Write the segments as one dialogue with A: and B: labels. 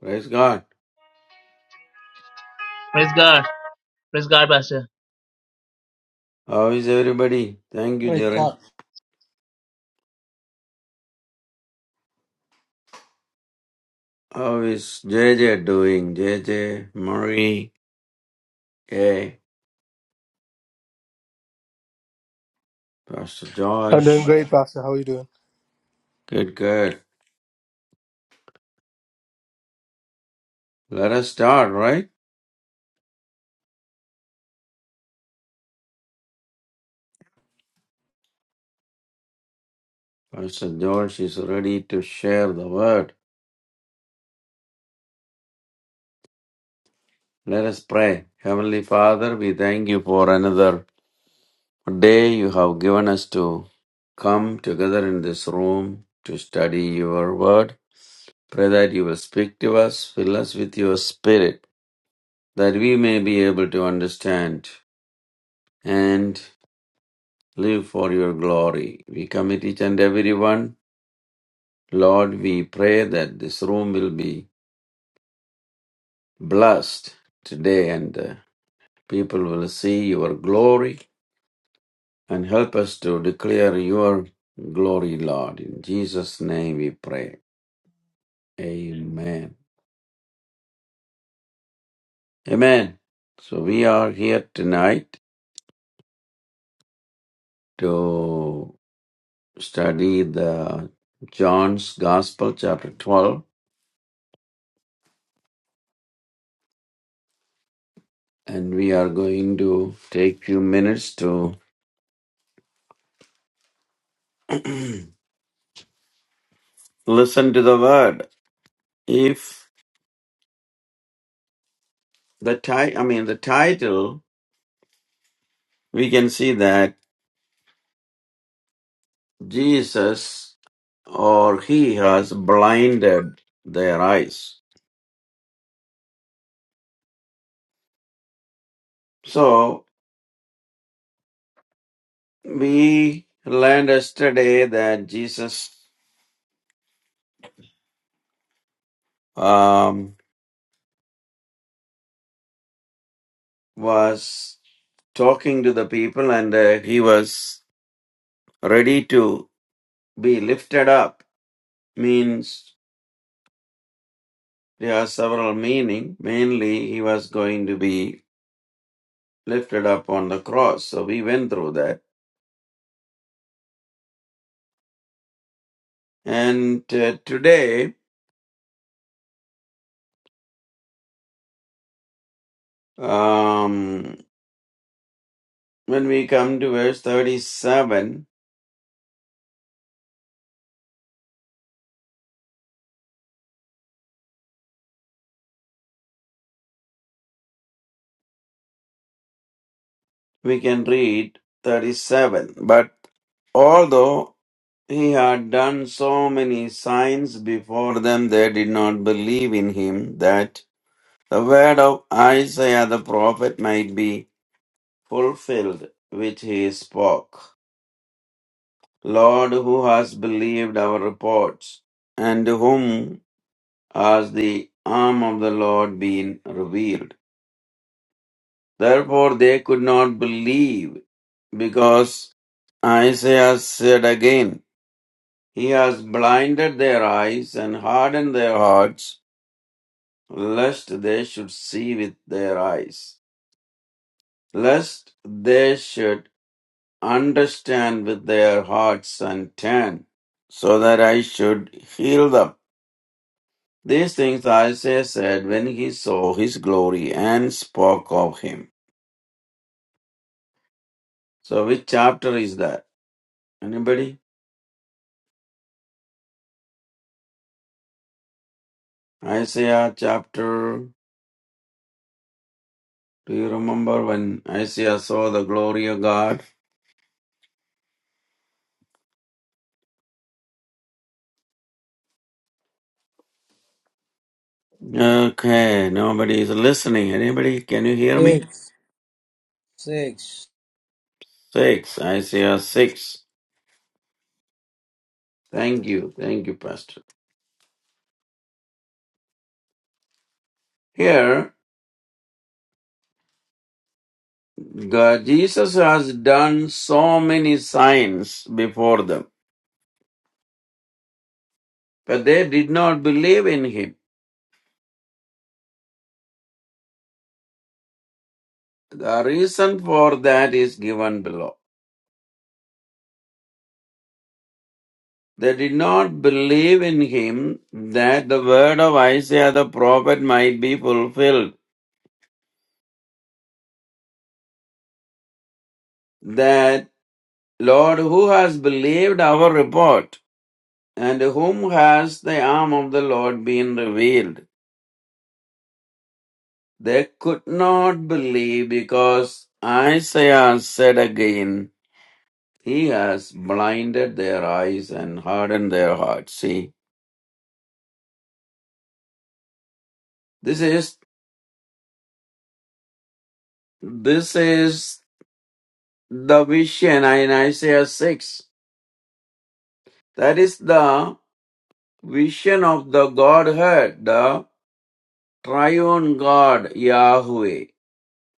A: Praise God.
B: Praise God. Praise God, Pastor.
A: How is everybody? Thank you, Jaren.
C: Record.
A: How is JJ doing? JJ, Marie, Kay, Pastor
D: I'm doing
A: Josh.
D: great, Pastor. How are you doing?
A: Good, good. Let us start, right? Pastor Josh is ready to share the word. Let us pray. Heavenly Father, we thank you for another day you have given us to come together in this room to study your word. Pray that you will speak to us, fill us with your spirit that we may be able to understand and live for your glory. We commit each and every one. Lord, we pray that this room will be blessed today and uh, people will see your glory and help us to declare your glory, Lord. In Jesus' name we pray. Amen. Amen. So we are here tonight to study the John's Gospel, chapter 12 and we are going to take few minutes to listen to the word if the ti- i mean the title we can see that jesus or he has blinded their eyes so we learned yesterday that jesus um, was talking to the people and uh, he was ready to be lifted up means There are several meaning. Mainly, he was going to be lifted up on the cross. So we went through that. And uh, today, um, when we come to verse 37, we can read 37. But although he had done so many signs before them, they did not believe in him that the word of Isaiah the prophet might be fulfilled, which he spoke. Lord, who has believed our reports, and to whom has the arm of the Lord been revealed? Therefore they could not believe, because Isaiah said again, He has blinded their eyes and hardened their hearts, lest they should see with their eyes, lest they should understand with their hearts and turn, so that I should heal them. These things Isaiah said when he saw his glory and spoke of him. So, which chapter is that? Anybody? Isaiah chapter. Do you remember when Isaiah saw the glory of God? Okay, nobody is listening. Anybody? Can you hear me?
C: Six. Six.
A: Six. Isaiah six. Thank you. Thank you, Pastor. Here, God, Jesus has done so many signs before them, but they did not believe in him. The reason for that is given below. They did not believe in him that the word of Isaiah the prophet might be fulfilled. That Lord, who has believed our report, and to whom has the arm of the Lord been revealed? They could not believe because Isaiah said again, He has blinded their eyes and hardened their hearts. See, this is this is the vision in Isaiah 6. That is the vision of the Godhead, the triune God Yahweh,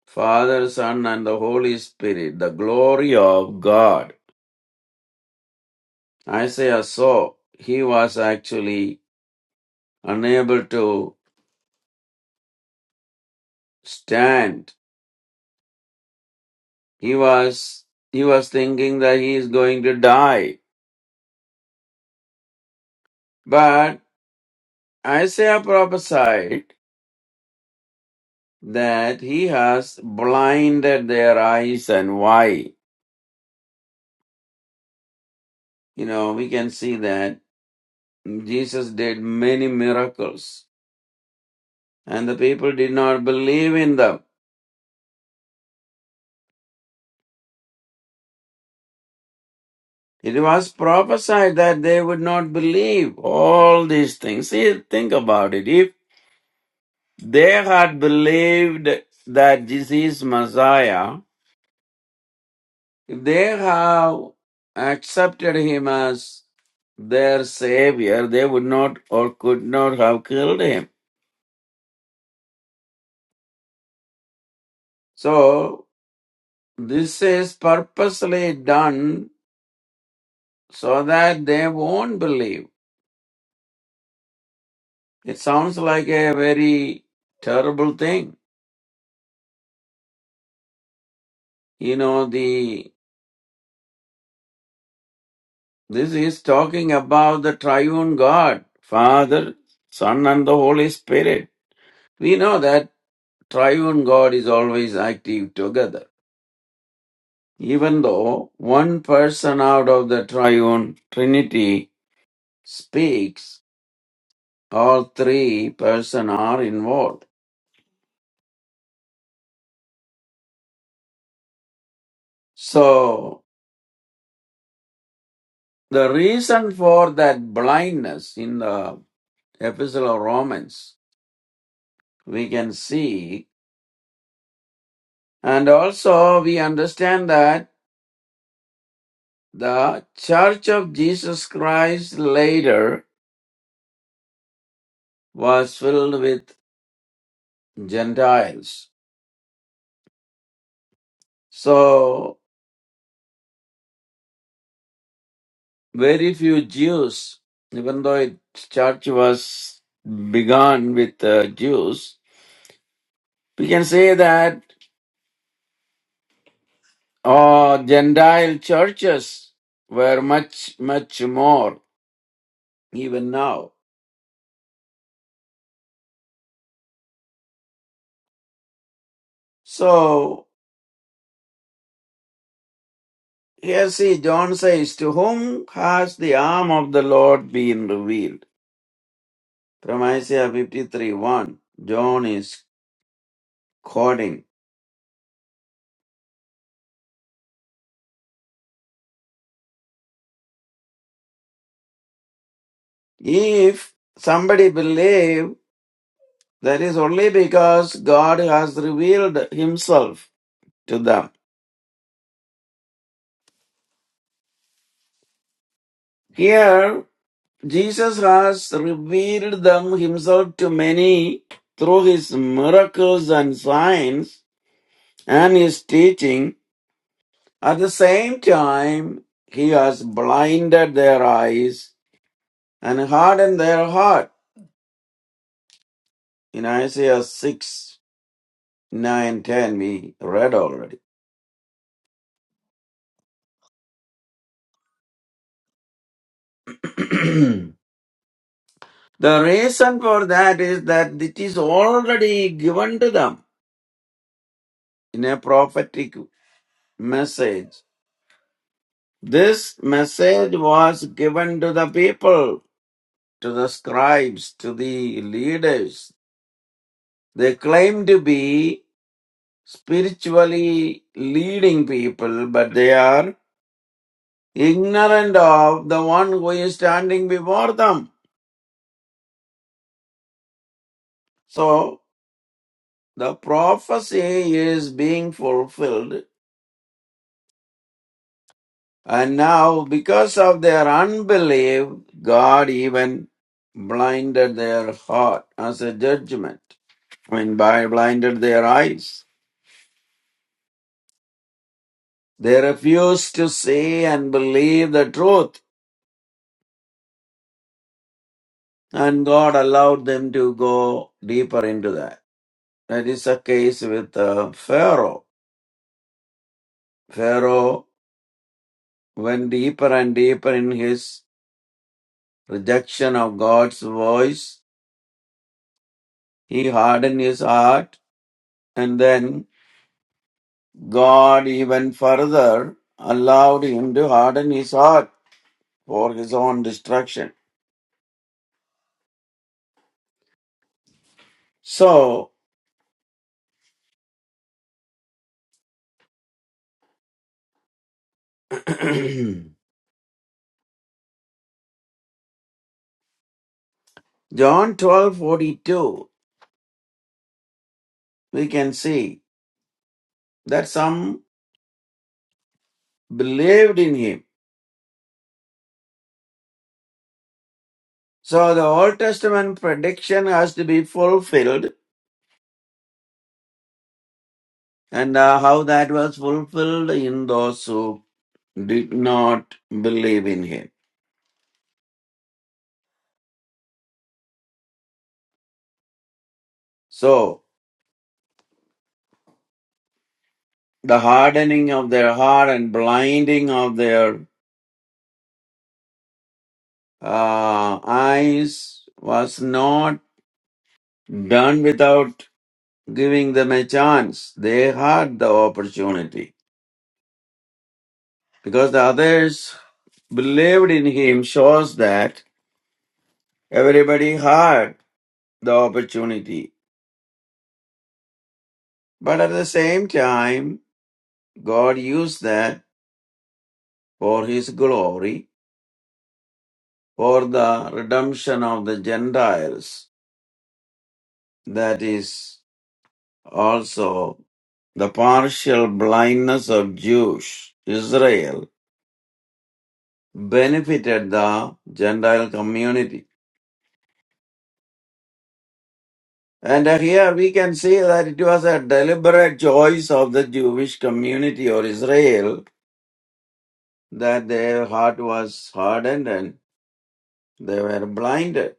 A: Father, Son, and the Holy Spirit, the glory of God. Isaiah saw he was actually unable to stand. He was he was thinking that he is going to die. But Isaiah prophesied that he has blinded their eyes and why? You know, we can see that Jesus did many miracles and the people did not believe in them. It was prophesied that they would not believe all these things. See, think about it. If they had believed that this is Messiah, if they have accepted him as their savior, they would not or could not have killed him. So, this is purposely done so that they won't believe. It sounds like a very terrible thing. You know, the this is talking about the triune God, Father, Son and the Holy Spirit. We know that triune God is always active together. Even though one person out of the triune Trinity speaks, all three person are involved. So the reason for that blindness in the Epistle of Romans, we can see. And also, we understand that the Church of Jesus Christ later was filled with Gentiles. So, very few Jews, even though it church was begun with uh, Jews, we can say that uh, Gentile churches were much, much more even now. So, Here, see, John says, To whom has the arm of the Lord been revealed? From Isaiah 53 1, John is quoting. If somebody believe, that is only because God has revealed himself to them. Here, Jesus has revealed them himself to many through his miracles and signs and his teaching At the same time, he has blinded their eyes and hardened their heart. In Isaiah 6, 9 10, we read already. the reason for that is that it is already given to them in a prophetic message. This message was given to the people, to the scribes, to the leaders. They claim to be spiritually leading people, but they are ignorant of the one who is standing before them. So the prophecy is being fulfilled, and now because of their unbelief, God even blinded their heart as a judgment. I mean, by blinded their eyes. They refused to see and believe the truth, and God allowed them to go deeper into that. That is the case with uh, Pharaoh. Pharaoh went deeper and deeper in his rejection of God's voice. He hardened his heart, and then God even further allowed him to harden his heart for his own destruction. So, John twelve forty two, we can see that some believed in him. So, the Old Testament prediction has to be fulfilled and uh, how that was fulfilled in those who did not believe in him. So, the hardening of their heart and blinding of their uh, eyes was not done without giving them a chance. They had the opportunity because the others believed in him, shows that everybody had the opportunity. But at the same time, God used that for his glory, for the redemption of the Gentiles. That is also the partial blindness of Jewish Israel benefited the Gentile community. And uh, here we can see that it was a deliberate choice of the Jewish community or Israel that their heart was hardened and they were blinded.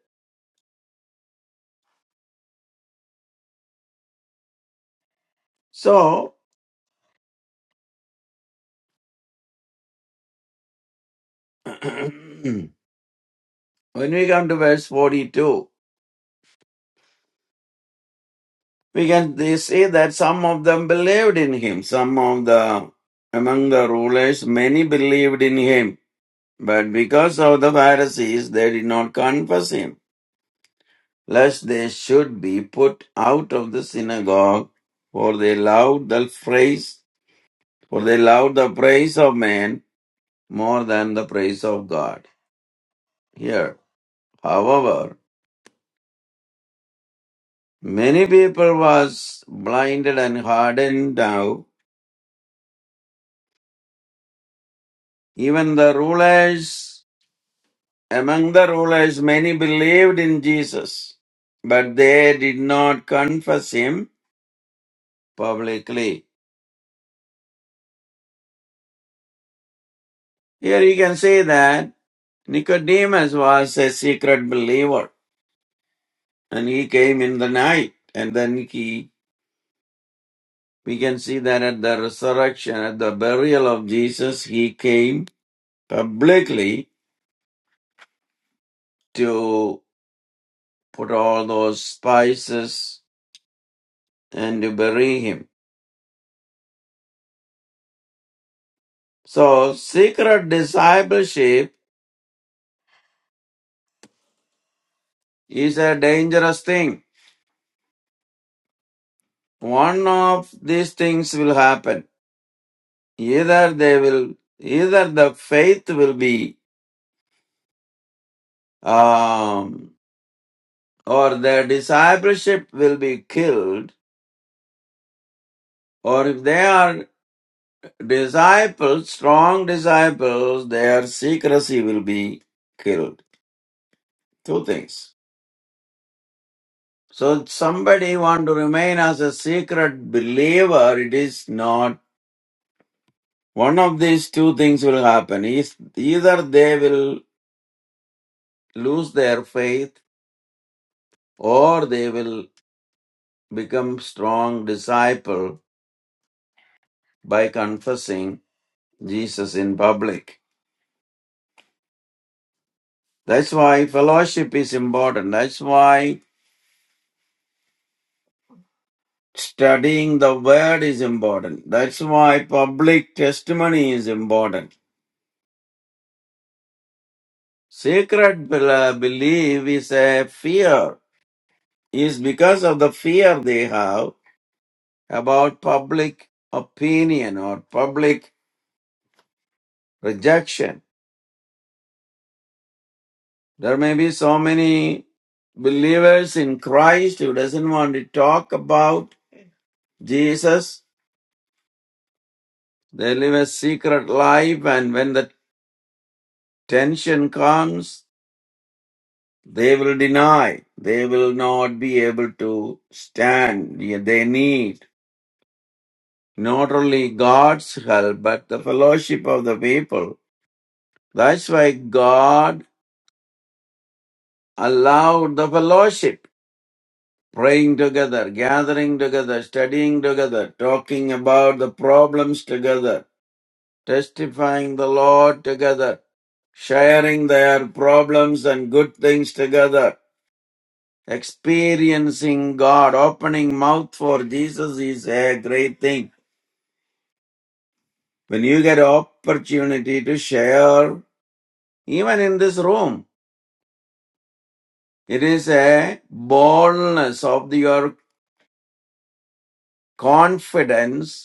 A: So, when we come to verse 42, we can they see that some of them believed in him. Some of the among the rulers, many believed in him. But because of the Pharisees, they did not confess him, lest they should be put out of the synagogue, for they loved the praise, for they loved the praise of man more than the praise of God. Here, however, many people was blinded and hardened now. Even the rulers Among the rulers, many believed in Jesus, but they did not confess him publicly. Here you can see that Nicodemus was a secret believer and he came in the night and then he, we can see that at the resurrection, at the burial of Jesus, he came publicly to put all those spices and to bury him. So secret discipleship is a dangerous thing One of these things will happen. Either they will, either the faith will be, um, or their discipleship will be killed, or if they are disciples, strong disciples, their secrecy will be killed. Two things. So somebody want to remain as a secret believer, it is not one of these two things will happen. Is either they will lose their faith or they will become strong disciple by confessing Jesus in public. That's why fellowship is important. That's why studying the word is important. That's why public testimony is important. Secret bel- uh, belief is a fear. Is because of the fear they have about public opinion or public rejection There may be so many believers in Christ who doesn't want to talk about Jesus. They live a secret life and when the tension comes, they will deny. They will not be able to stand. Yeah, They need not only God's help, but the fellowship of the people. That's why God allowed the fellowship. praying together, gathering together, studying together, talking about the problems together, testifying the Lord together, sharing their problems and good things together, experiencing God, opening mouth for Jesus is a great thing. When you get an opportunity to share, even in this room, it is a boldness of your confidence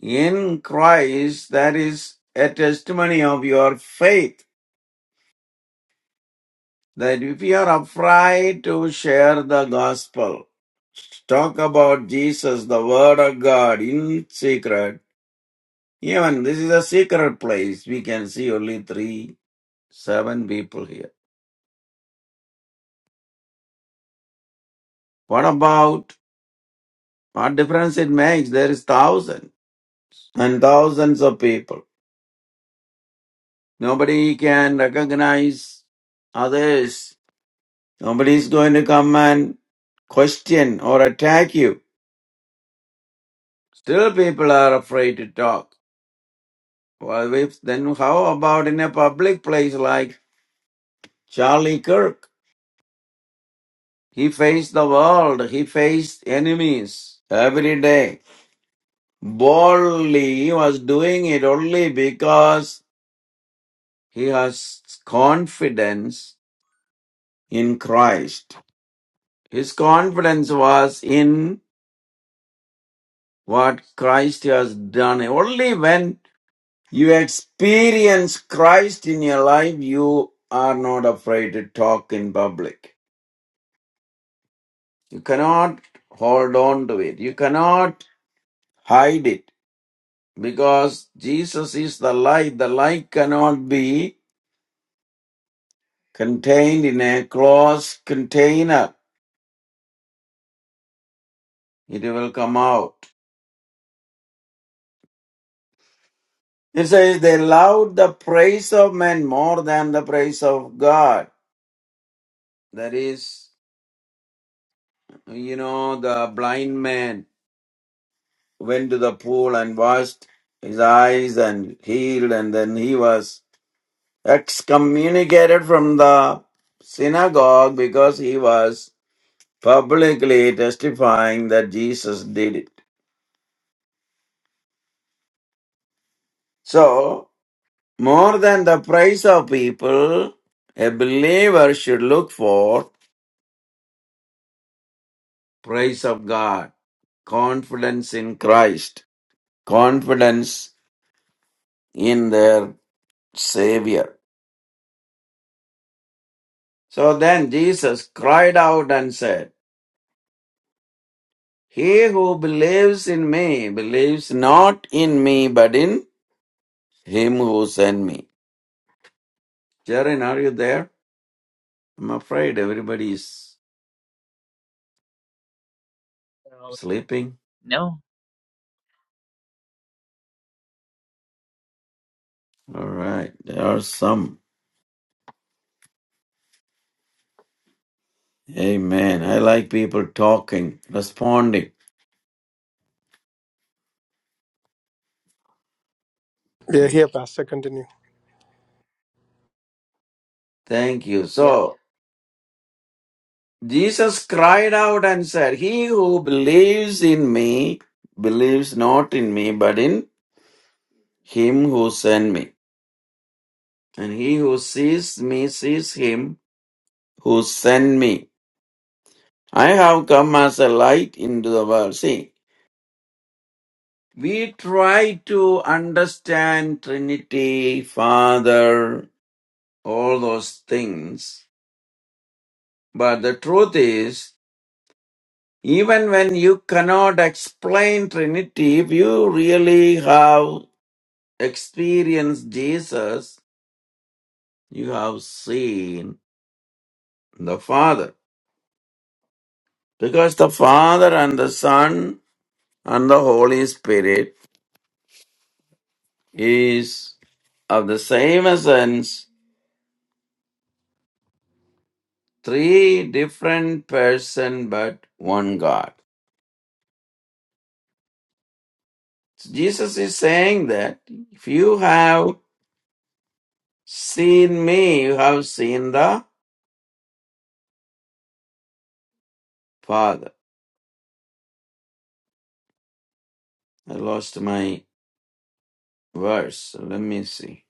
A: in Christ that is a testimony of your faith. That if you are afraid to share the gospel, talk about Jesus, the Word of God in secret. Even this is a secret place. We can see only three, seven people here. What about what difference it makes? There is thousands and thousands of people. Nobody can recognize others Nobody is going to come and question or attack you. Still, people are afraid to talk. Well, if, then how about in a public place like Charlie Kirk? He faced the world, he faced enemies every day. Boldly, he was doing it only because he has confidence in Christ. His confidence was in what Christ has done. Only when You experience Christ in your life, you are not afraid to talk in public. You cannot hold on to it. You cannot hide it because Jesus is the light. The light cannot be contained in a closed container. It will come out. It says they loved the praise of men more than the praise of God. That is, you know, the blind man went to the pool and washed his eyes and healed, and then he was excommunicated from the synagogue because he was publicly testifying that Jesus did it. So, more than the praise of people, a believer should look for praise of God, confidence in Christ, confidence in their Savior. So then Jesus cried out and said, He who believes in me believes not in me but in him who sent me. Jaren, are you there? I'm afraid everybody is sleeping.
B: No?
A: All right, there are some. Amen. I like people talking, responding.
D: Yeah, here, Pastor. Continue.
A: Thank you.
B: Yeah.
A: So, Jesus cried out and said, He who believes in me believes not in me but in him who sent me. And he who sees me sees him who sent me. I have come as a light into the world. See, we try to understand Trinity, Father, all those things. But the truth is, even when you cannot explain Trinity, if you really have experienced Jesus, you have seen the Father. Because the Father and the Son and the Holy Spirit is of the same essence Three different person but one God. So Jesus is saying that if you have seen me, you have seen the Father. I lost my verse. So Let me see.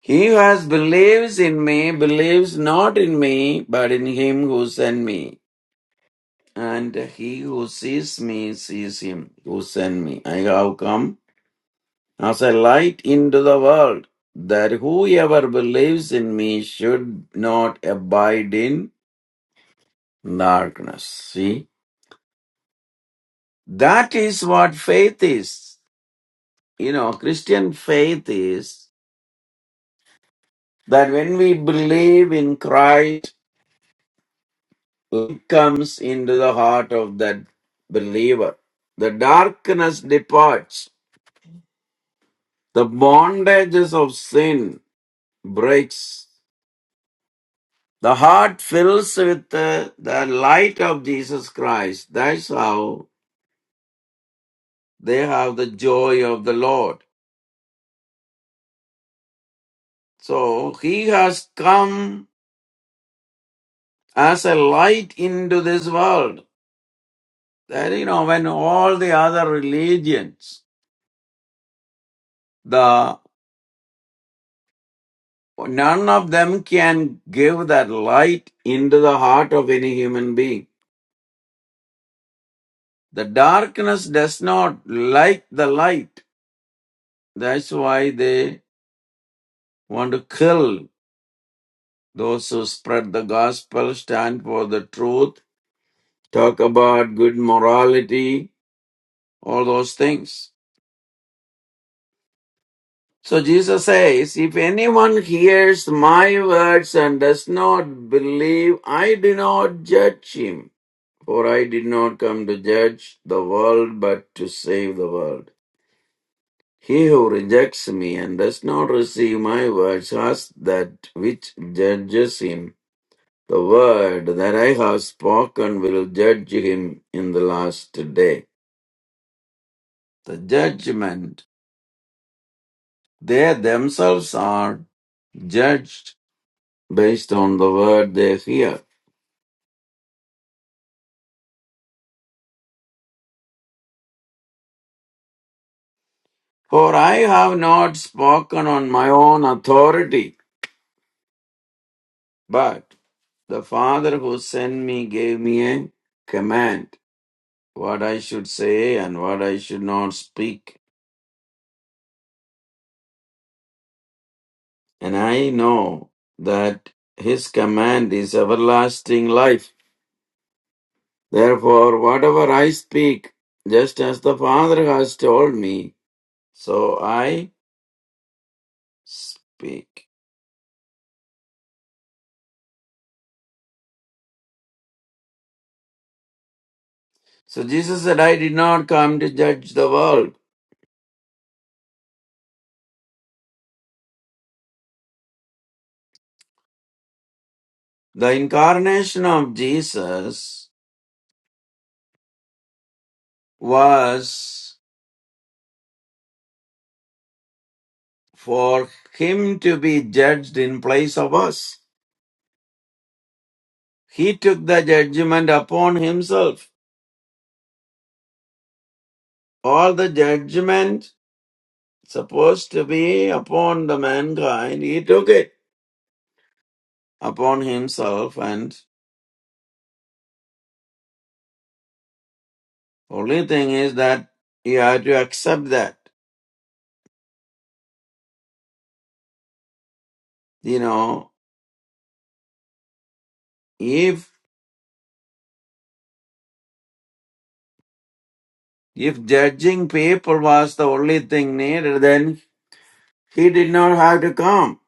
A: He who has believes in me believes not in me, but in him who sent me. And he who sees me sees him who sent me. I have come as a light into the world, that whoever believes in me should not abide in darkness. See, that is what faith is. You know, Christian faith is that when we believe in Christ, light comes into the heart of that believer. The darkness departs. The bondages of sin breaks The heart fills with uh, the light of Jesus Christ. That's how they have the joy of the Lord. So he has come as a light into this world. That you know, when all the other religions, the none of them can give that light into the heart of any human being. The darkness does not like the light. That's why they want to kill Those who spread the gospel, stand for the truth, talk about good morality, all those things. So Jesus says, if anyone hears my words and does not believe, I do not judge him. For I did not come to judge the world, but to save the world. He who rejects me and does not receive my words has that which judges him. The word that I have spoken will judge him in the last day. The judgment, they themselves are judged based on the word they hear. For I have not spoken on my own authority, but the Father who sent me gave me a command what I should say and what I should not speak. And I know that his command is everlasting life. Therefore, whatever I speak, just as the Father has told me, so I speak. So Jesus said, I did not come to judge the world. The incarnation of Jesus was for him to be judged in place of us. He took the judgment upon himself. All the judgment supposed to be upon the mankind, he took it upon himself and. Only thing is that you have to accept that. You know, if if judging people was the only thing needed, then he did not have to come.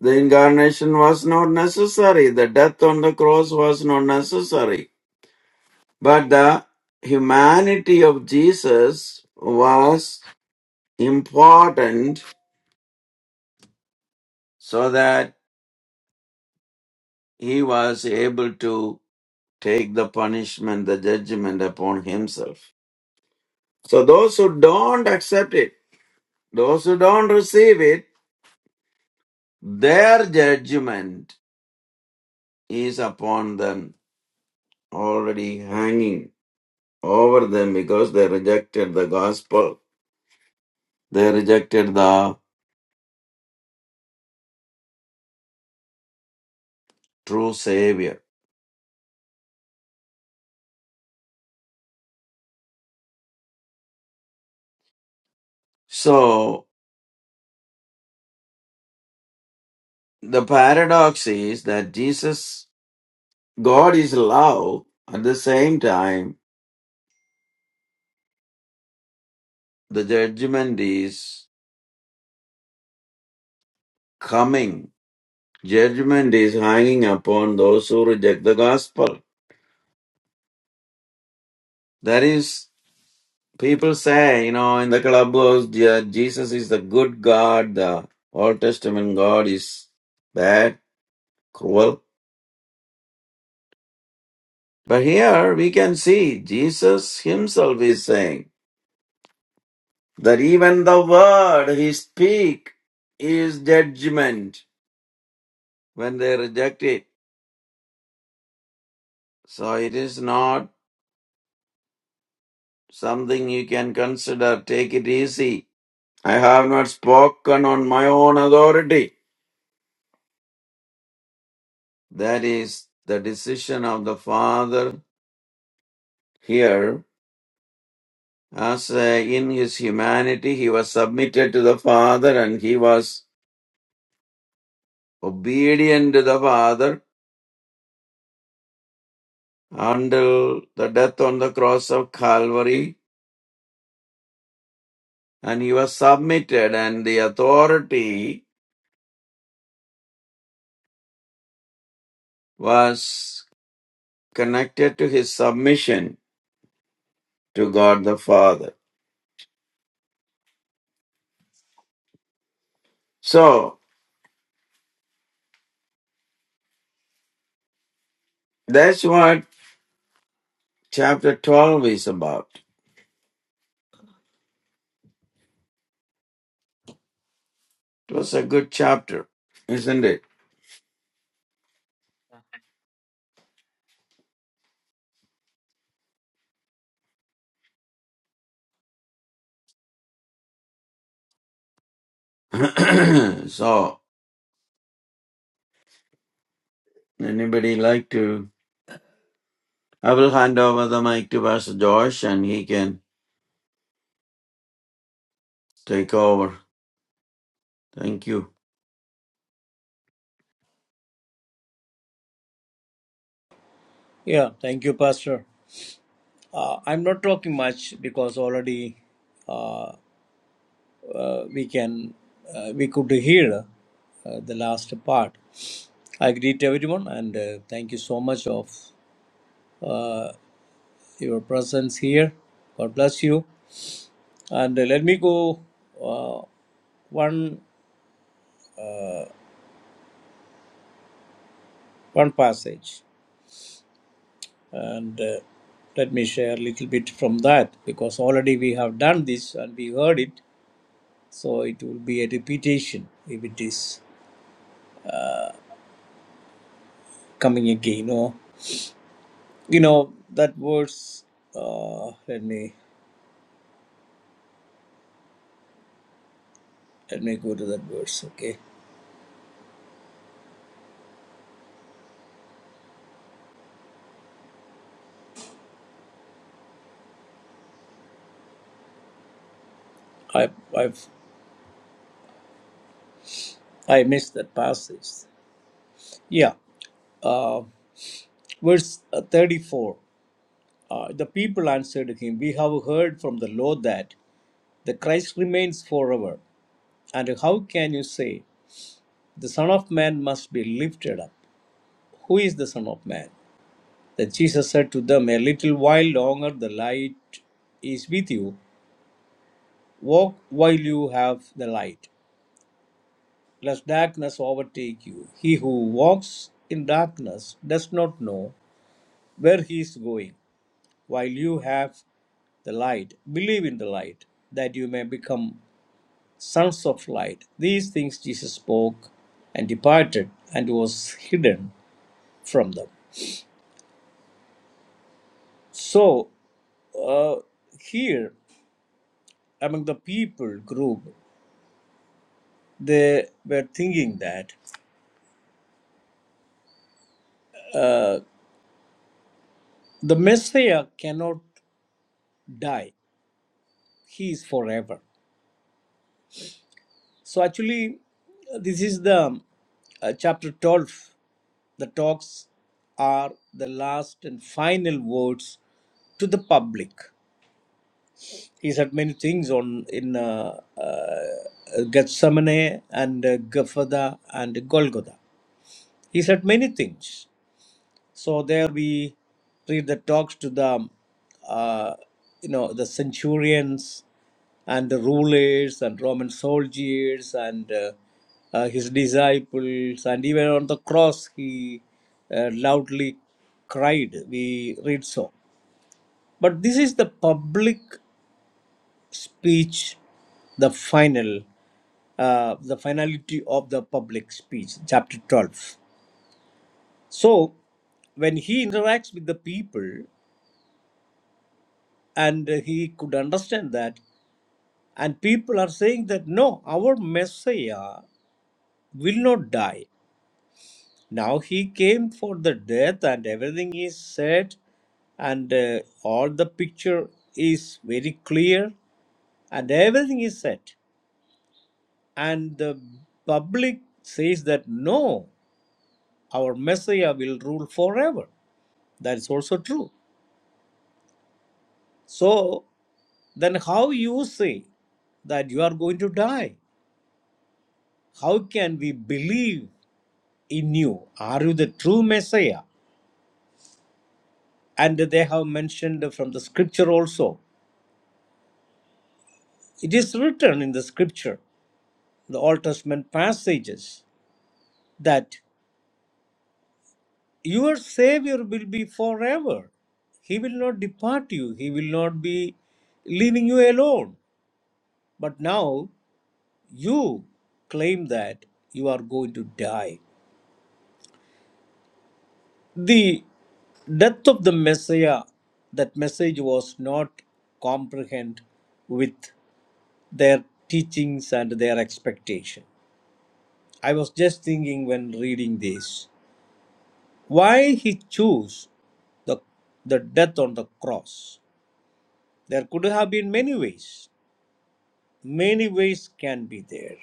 A: The incarnation was not necessary. The death on the cross was not necessary. But the humanity of Jesus was important so that he was able to take the punishment, the judgment upon himself. So those who don't accept it, Those who don't receive it, their judgment is upon them, already hanging over them because they rejected the gospel. They rejected the true Savior. So, the paradox is that Jesus, God is love. At the same time, the judgment is coming. Judgment is hanging upon those who reject the gospel. That is people say, you know, in the clubhouse, yeah, Jesus is the good God, the Old Testament God is bad, cruel. But here we can see Jesus himself is saying that even the word he speak is judgment when they reject it. So it is not something you can consider, take it easy. I have not spoken on my own authority. That is the decision of the Father here As uh, in his humanity he was submitted to the Father and he was obedient to the Father until the death on the cross of Calvary and he was submitted and the authority was connected to his submission to God the Father. So that's what chapter 12 is about. It was a good chapter, isn't it? so anybody like to I will hand over the mic to Pastor Josh and he can take over. Thank you.
C: Yeah, thank you, Pastor. Uh, I'm not talking much because already uh, uh, we can uh, we could hear uh, the last part. I greet everyone and uh, thank you so much of uh, your presence here. God bless you. And uh, let me go uh, one one passage and uh, let me share a little bit from that because already we have done this and we heard it so it will be a repetition if it is coming again or you know that verse uh let me let me go to that verse okay i i've i missed that passage yeah uh verse uh, 34 uh, the people answered him we have heard from the lord that the christ remains forever and how can you say the son of man must be lifted up who is the son of man Then Jesus said to them, A little while longer the light is with you. Walk while you have the light, lest darkness overtake you. He who walks in darkness does not know where he is going. While you have the light, believe in the light, that you may become sons of light. These things Jesus spoke and departed and was hidden from them. So, uh, here among the people group they were thinking that the Messiah cannot die, he is forever. So, actually, this is the uh, chapter 12. The talks are the last and final words to the public. He said many things on in uh, uh, Gethsemane and uh, Gafada and Golgotha. He said many things So there we read the talks to the, uh, you know, the centurions and the rulers and Roman soldiers and uh, uh, his disciples and even on the cross he uh, loudly cried. We read so. But this is the public speech, the final, uh, the finality of the public speech, chapter 12. So when he interacts with the people, and he could understand that and people are saying that no our messiah will not die now he came for the death and everything is said and uh, all the picture is very clear and everything is set and the public says that no our messiah will rule forever that is also true so then how you say that you are going to die how can we believe in you? Are you the true Messiah? And they have mentioned from the scripture also. It is written in the scripture, the Old Testament passages, that your Savior will be forever. He will not depart you, He will not be leaving you alone. But now you claim that you are going to die. The death of the Messiah, that message was not comprehend with their teachings and their expectation. I was just thinking when reading this why he chose the, the death on the cross. There could have been many ways. Many ways can be there.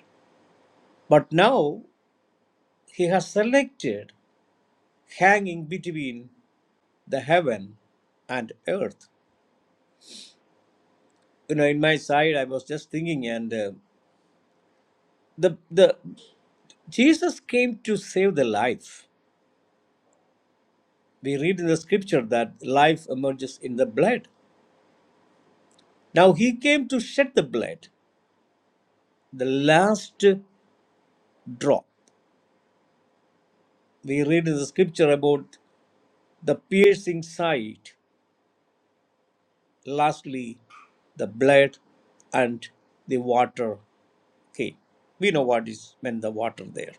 C: But now he has selected hanging between the heaven and earth. You know, in my side, I was just thinking, and uh, the the Jesus came to save the life. We read in the scripture that life emerges in the blood. Now he came to shed the blood, the last drop. We read in the scripture about the piercing sight, lastly, the blood and the water came. We know what is when the water there.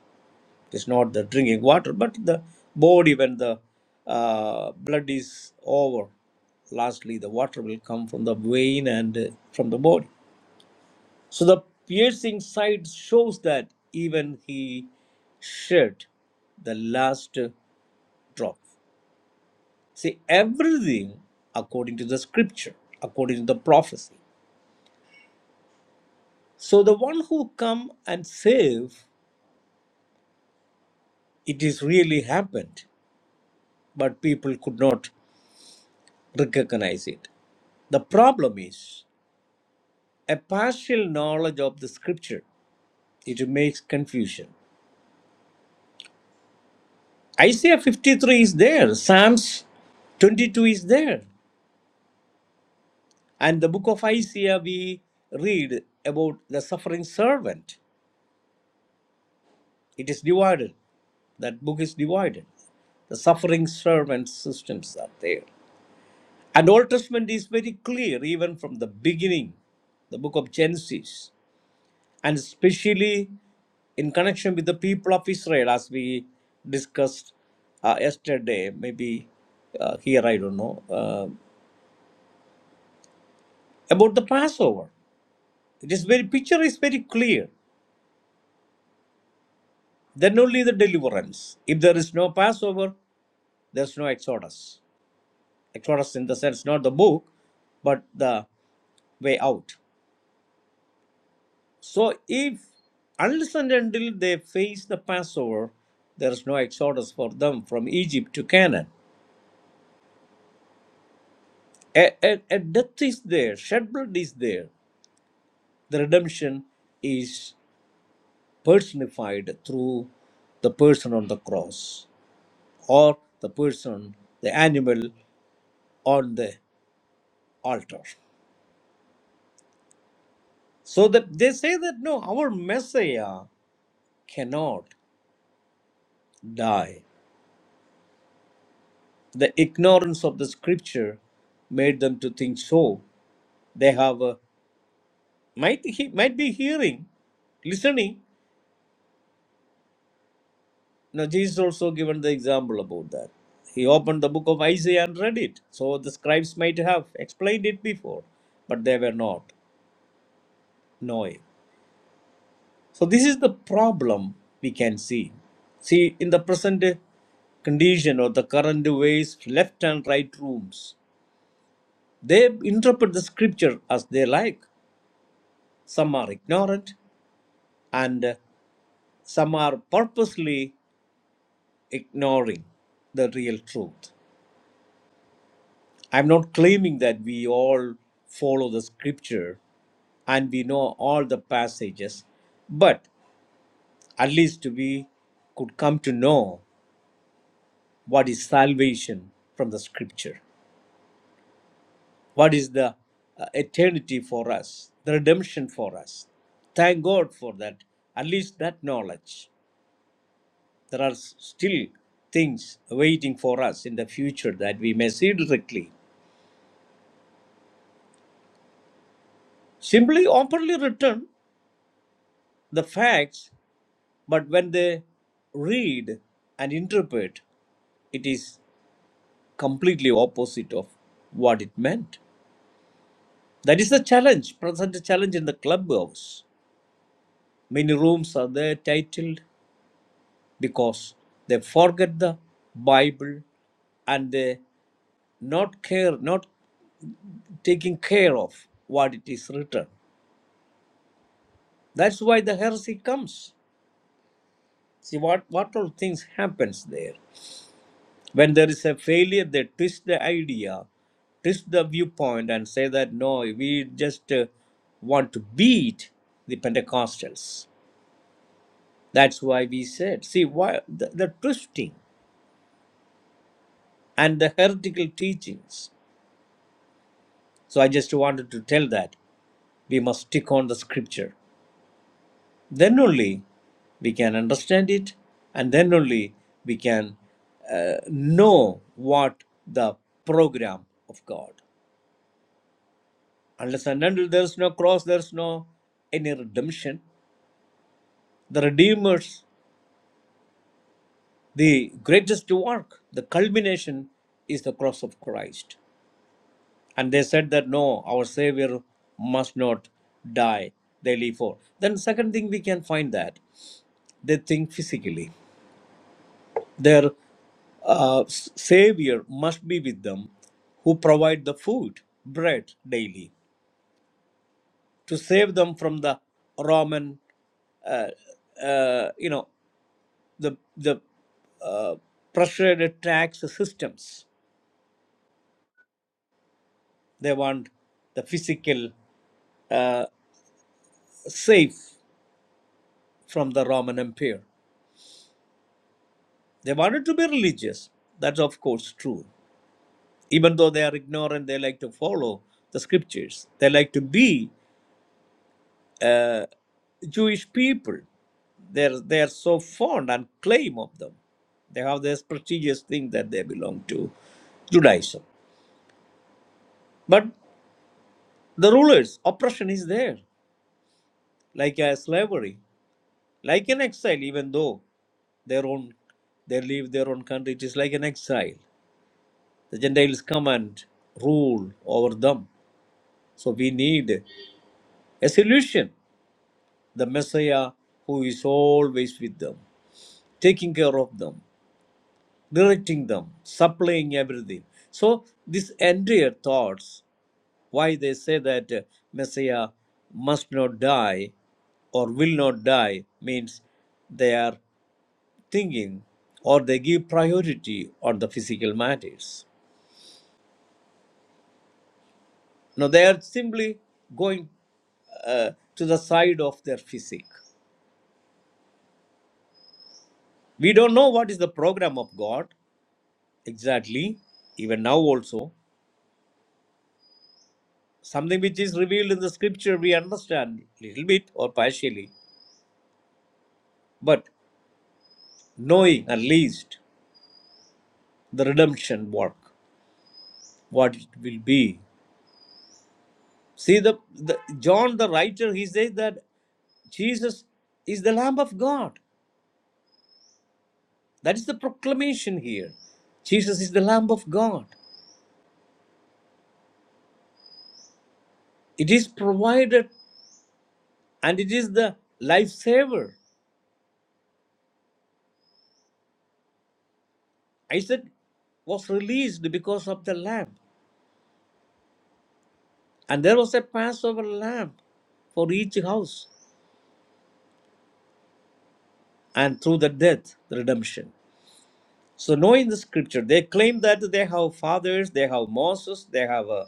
C: It's not the drinking water, but the body when the uh, blood is over. Lastly, the water will come from the vein and uh, from the body. So the piercing sight shows that even he shed the last drop. See, everything according to the scripture, according to the prophecy. So the one who come and save, it is really happened, but people could not recognize it. The problem is a partial knowledge of the scripture. It makes confusion. Isaiah 53 is there, Psalms 22 is there. And the book of Isaiah, we read about the suffering servant. It is divided. That book is divided. The suffering servant systems are there. And Old Testament is very clear, even from the beginning, the book of Genesis, and especially in connection with the people of Israel, as we discussed uh, yesterday, maybe uh, here, I don't know, uh, about the Passover. It is very, picture is very clear Then only the deliverance. If there is no Passover, there's no Exodus. Exodus, in the sense, not the book, but the way out. So, if unless and until they face the Passover, there is no Exodus for them from Egypt to Canaan. A, a, a death is there, shed blood is there. The redemption is personified through the person on the cross or the person, the animal on the altar. So that they say that no, our Messiah cannot die. The ignorance of the scripture made them to think so. They have a, might he might be hearing, listening. Now Jesus also given the example about that. He opened the book of Isaiah and read it. So the scribes might have explained it before, but they were not knowing. So this is the problem we can see. See, in the present condition or the current ways, left and right rooms, they interpret the scripture as they like. Some are ignorant and some are purposely ignoring the real truth. I'm not claiming that we all follow the scripture and we know all the passages, but at least we could come to know what is salvation from the scripture. what is the uh, eternity for us, the redemption for us. Thank God for that, at least that knowledge. There are s- still things waiting for us in the future that we may see directly. Simply openly return the facts, but when they read and interpret, it is completely opposite of what it meant. That is the challenge, present challenge in the clubhouse. Many rooms are there titled because they forget the Bible and they not care, not taking care of what it is written. That's why the heresy comes. See what what all things happens there. When there is a failure, they twist the idea, twist the viewpoint, and say that no, we just uh, want to beat the Pentecostals. That's why we said, see why the, the twisting and the heretical teachings. So I just wanted to tell that. we must stick on the scripture. Then only we can understand it, and then only we can uh, know what the program of God. Unless and until there is no cross, there is no any redemption. The Redeemer's, the greatest work, the culmination is the cross of Christ. And they said that no, our Savior must not die, they live for. Then, second thing we can find that they think physically. Their uh, Savior must be with them, who provide the food, bread daily, to save them from the Roman, uh, uh, you know, the the uh, pressured tax systems. They want the physical safe from the Roman Empire. They wanted to be religious. That's of course true. Even though they are ignorant, they like to follow the scriptures. They like to be Jewish people. They're, they're so fond and claim of them. They have this prestigious thing that they belong to Judaism. But the rulers, oppression is there, like a slavery, like an exile, even though their own they leave their own country, it is like an exile. The Gentiles come and rule over them. So we need a solution. The Messiah who is always with them, taking care of them. directing them, supplying everything. So this entire thoughts, why they say that uh, Messiah must not die or will not die means they are thinking or they give priority on the physical matters. Now they are simply going uh, to the side of their physique. We don't know what is the program of God exactly, even now also. something which is revealed in the scripture we understand little bit or partially but knowing at least the redemption work what it will be see the, the john the writer he says that jesus is the lamb of god that is the proclamation here jesus is the lamb of god it is provided and it is the lifesaver isaac was released because of the lamb and there was a passover lamb for each house and through the death, the redemption. So, knowing the scripture, they claim that they have fathers, they have Moses, they have uh,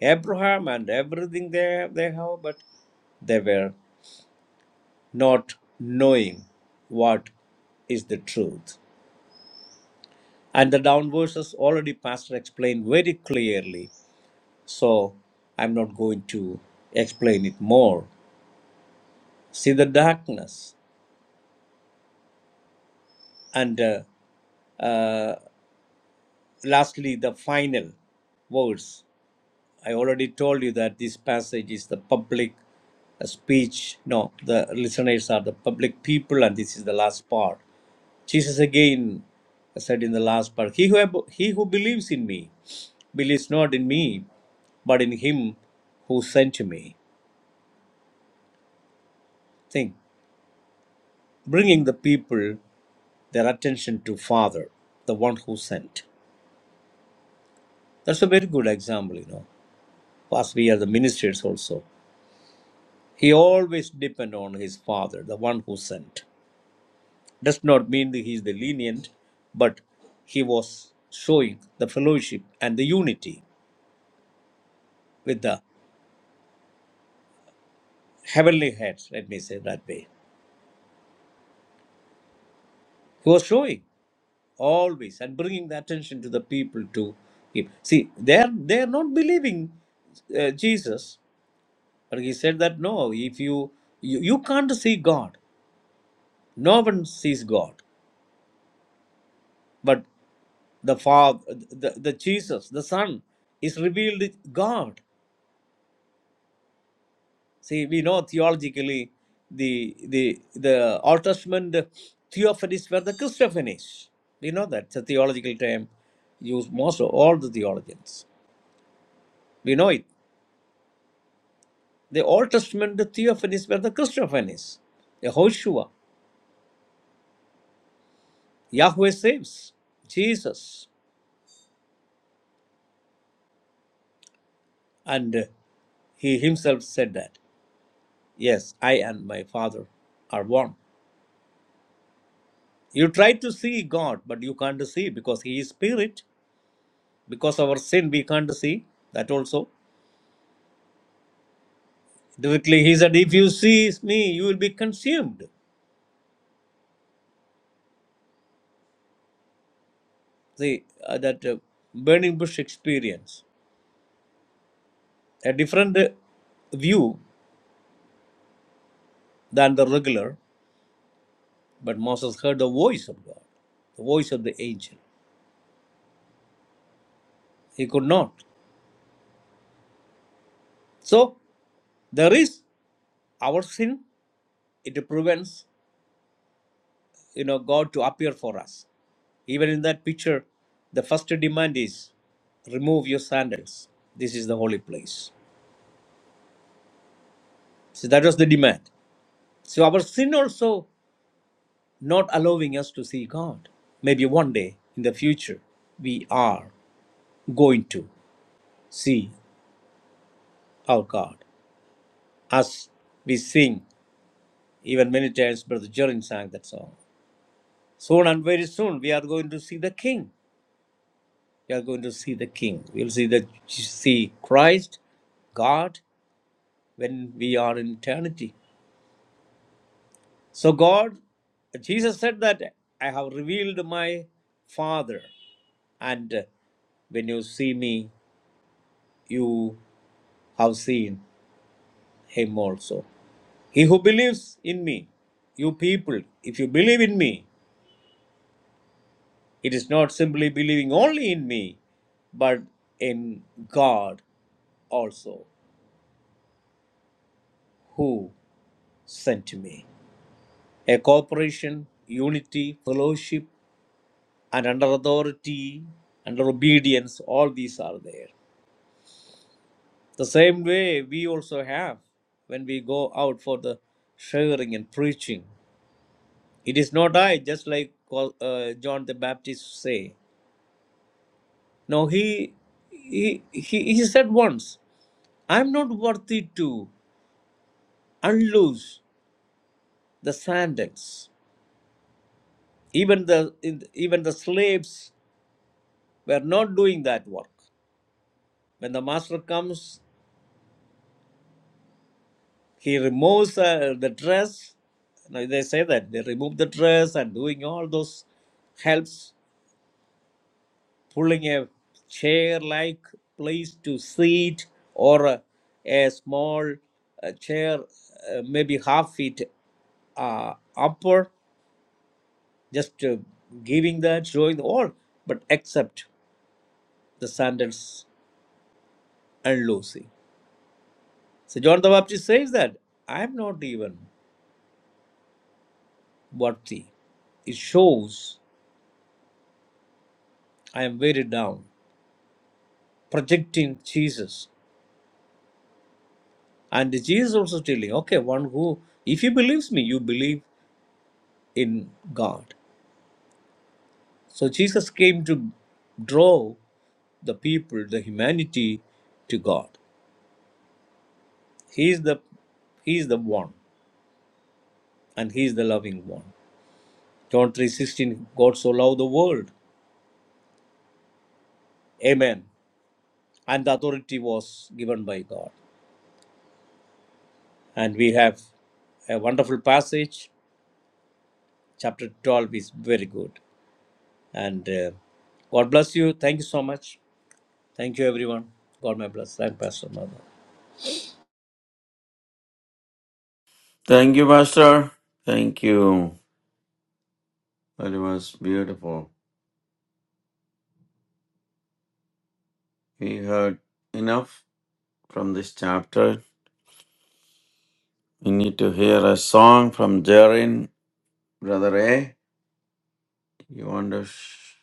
C: Abraham, and everything they, they have, but they were not knowing what is the truth. And the down verses already Pastor explained very clearly, so I'm not going to explain it more. See the darkness and uh, uh, lastly the final words I already told you that this passage is the public uh, speech. No, the listeners are the public people, and this is the last part. Jesus again said in the last part, He who, he who believes in me believes not in me, but in him who sent me. Think, bringing the people their attention to Father, the one who sent. That's a very good example, you know, as we are the ministers also. He always depend on his Father, the one who sent. does not mean that he is the lenient, but he was showing the fellowship and the unity with the heavenly heads, let me say that way. He was showing always and bringing the attention to the people to him. See, they're, they're not believing uh, Jesus, but he said that no, if you, you, you can't see God, no one sees God, but the Father, the, the Jesus, the Son is revealed God See, we know theologically the the the Old Testament theophanies were the Christophanies. We know that it's a theological term used most of all the theologians. We know it. The Old Testament theophanies were the Christophanies. Yehoshua, Yahweh saves, Jesus, and uh, he himself said that. Yes, I and my Father are one. You try to see God, but you can't see because He is spirit. Because of our sin, we can't see that also. Directly, he said, If you see me, you will be consumed. See, uh, that uh, burning bush experience. A different uh, view than the regular, but Moses heard the voice of God, the voice of the angel. He could not. So, there is our sin, it prevents you know God to appear for us. Even in that picture, the first demand is remove your sandals. This is the holy place. So that was the demand. So our sin also not allowing us to see God. Maybe one day in the future, we are going to see our God as we sing. Even many times, Brother Jorin sang that song. Soon and very soon, we are going to see the King. We are going to see the King. We'll see the see Christ, God, when we are in eternity. So God, Jesus said that I have revealed my Father, and uh, when you see me, you have seen him also. He who believes in me, you people, if you believe in me, it is not simply believing only in me, but in God also, who sent me. A cooperation, unity, fellowship, and under authority, under obedience, all these are there. The same way we also have when we go out for the sharing and preaching. It is not I, just like uh, John the Baptist say. No, he, he he he said once, I am not worthy to unloose the sandals. Even the even the slaves were not doing that work. When the master comes, he removes uh, the dress. Now they say that they remove the dress and doing all those helps pulling a chair like place to sit or a, a small uh, chair, uh, maybe half feet uh, upper, just uh, giving that, showing the all, but except the sandals and loosing. So John the Baptist says that I am not even worthy. It shows I am very down, projecting Jesus. And Jesus also telling, okay, one who, if he believes me, you believe in God. So Jesus came to draw the people, the humanity to God. He is the He is the one and He is the loving one. John 3:16, God so loved the world. Amen. And the authority was given by God. And we have a wonderful passage. Chapter 12 is very good. And uh, God bless you. Thank you so much. Thank you, everyone. God may bless. I'm Pastor Mother.
A: Thank you, Pastor. Thank you. That was beautiful. We heard enough from this chapter. We need to hear a song from Jarin, Brother A. You want to sh-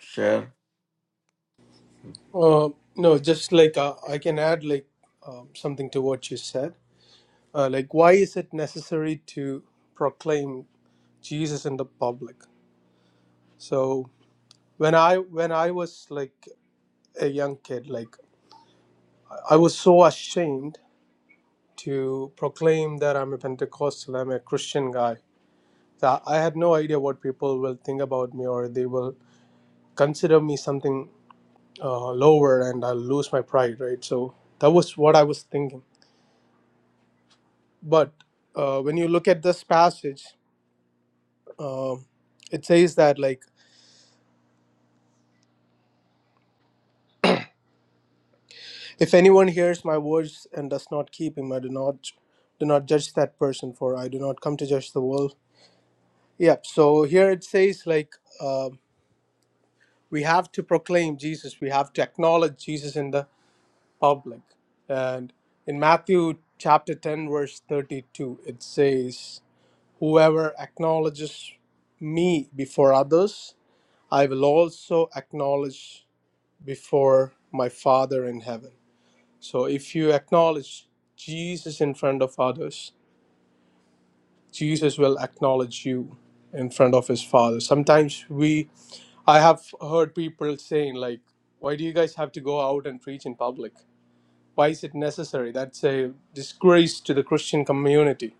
A: share?
D: Uh, no, just like uh, I can add like um, something to what you said. Uh, like, why is it necessary to proclaim Jesus in the public? So when I when I was like a young kid, like I was so ashamed to proclaim that I'm a Pentecostal, I'm a Christian guy. So I had no idea what people will think about me or they will consider me something uh, lower and I'll lose my pride, right? So that was what I was thinking. But uh, when you look at this passage, um it says that like if anyone hears my words and does not keep him, I do not do not judge that person, for I do not come to judge the world. Yep. So here it says like um we have to proclaim Jesus. We have to acknowledge Jesus in the public. And in Matthew chapter ten verse thirty-two, it says. Whoever acknowledges me before others, I will also acknowledge before my Father in heaven. So if you acknowledge Jesus in front of others, Jesus will acknowledge you in front of his Father. Sometimes we, I have heard people saying, like, why do you guys have to go out and preach in public? Why is it necessary? That's a disgrace to the Christian community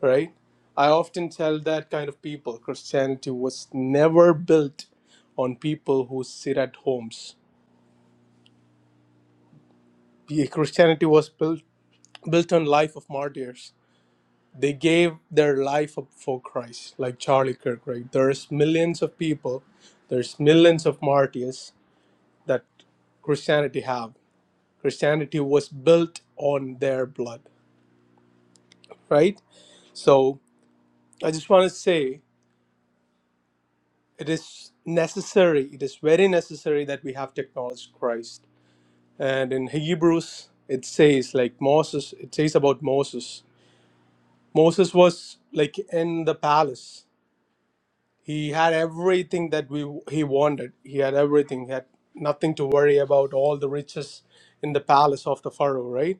D: right? I often tell that kind of people Christianity was never built on people who sit at homes. The Christianity was built built on life of martyrs. They gave their life up for Christ, like Charlie Kirk, right? There's millions of people, there's millions of martyrs that Christianity have. Christianity was built on their blood, right? So I just want to say It is necessary, it is very necessary that we have to acknowledge Christ. And in Hebrews, it says, like Moses, it says about Moses. Moses was like in the palace. He had everything that we he wanted. He had everything. He had nothing to worry about, all the riches in the palace of the Pharaoh, right?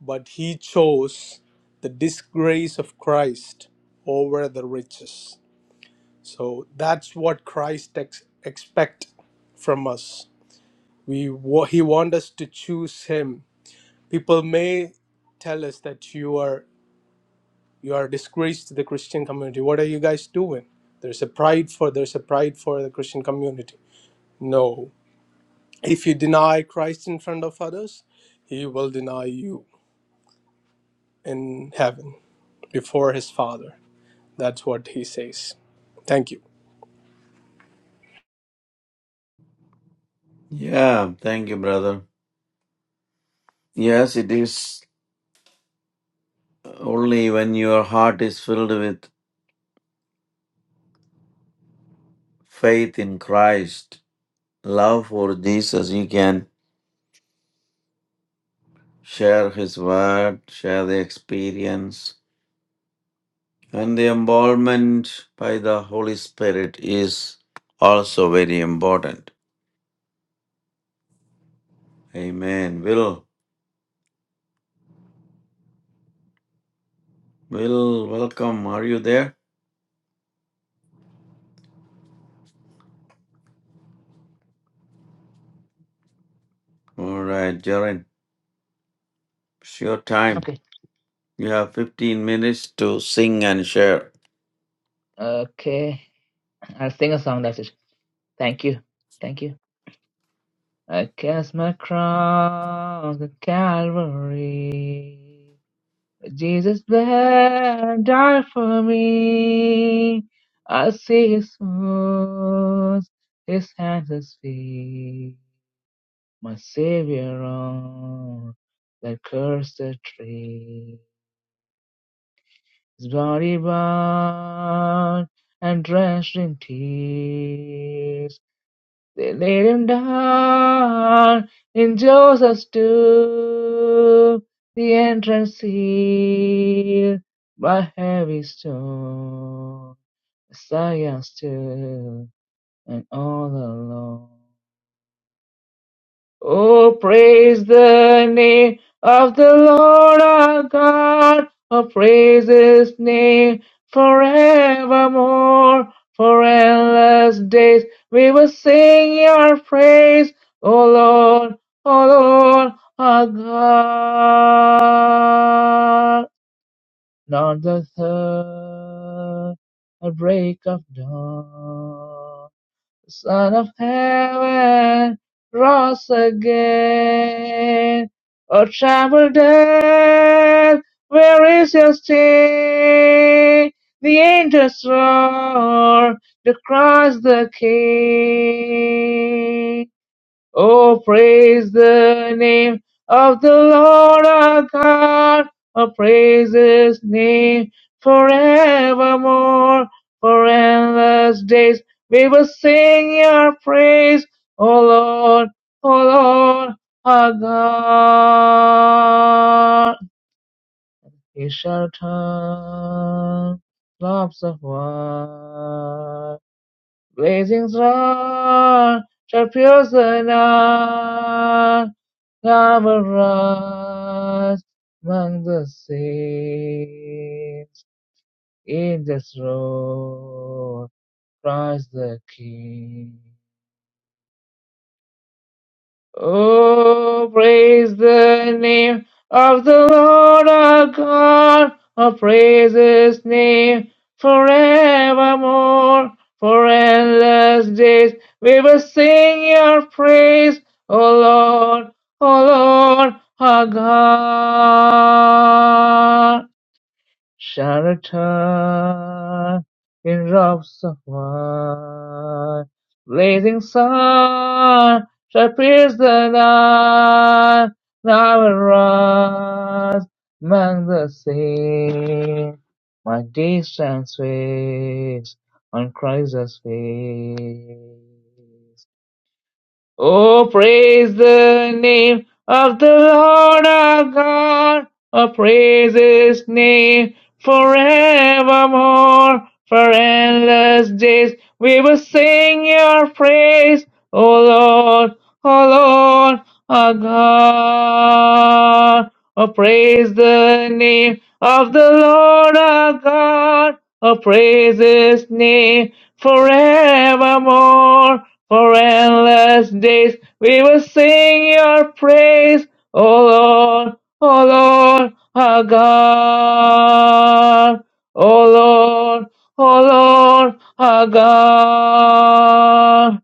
D: But he chose the disgrace of Christ over the riches. So that's what Christ ex- expect from us. We wa- he wants us to choose him. People may tell us that you are you are a disgrace to the Christian community. What are you guys doing? There's a pride for there's a pride for the Christian community. No. If you deny Christ in front of others, he will deny you in heaven before his father. That's what he says. Thank you.
A: Yeah, thank you, brother. Yes, it is only when your heart is filled with faith in Christ, love for Jesus, you can share His word, share the experience. And the involvement by the Holy Spirit is also very important. Amen. Will, Will, welcome. Are you there? All right, Jaren, it's your time.
B: Okay.
A: You have 15 minutes to sing and share.
B: Okay. I'll sing a song. That's it. Thank you. Thank you. I cast my cross at Calvary. Jesus bled and died for me. I see his wounds, his hands, his feet. My Savior on that cursed tree. body bound and drenched in tears. They laid him down in Joseph's tomb, the entrance sealed by heavy stone. Messiah still and all alone. Oh, praise the name of the Lord our God. Oh, praise his name forevermore. For endless days we will sing your praise. O Lord, O Lord our God. Not the third a break of dawn the Son of heaven, rose again. O troubled earth, where is your sting? The angels roar to cross the King. Oh, praise the name of the Lord our God. Oh, praise his name forevermore. For endless days we will sing your praise. O Lord, O Lord our God. He shall turn lots of wine. Blazing star shall pierce the night. Thou wilt rise among the saints. In this throne, Christ the King. Oh, praise the name of the Lord our God. Oh, praise his name forevermore. For endless days we will sing your praise, O Lord, O Lord our God. Sharata in robes of wine, blazing sun shall pierce the night. Now arise among the saints, my distant face on Christ's face. Oh, praise the name of the Lord our God. Oh, praise his name forevermore. For endless days we will sing your praise. O Lord, O Lord our God. Oh, praise the name of the Lord our God. Oh, praise his name forevermore for endless days we will sing your praise, O Lord, O Lord, our God. O Lord, O Lord, our God.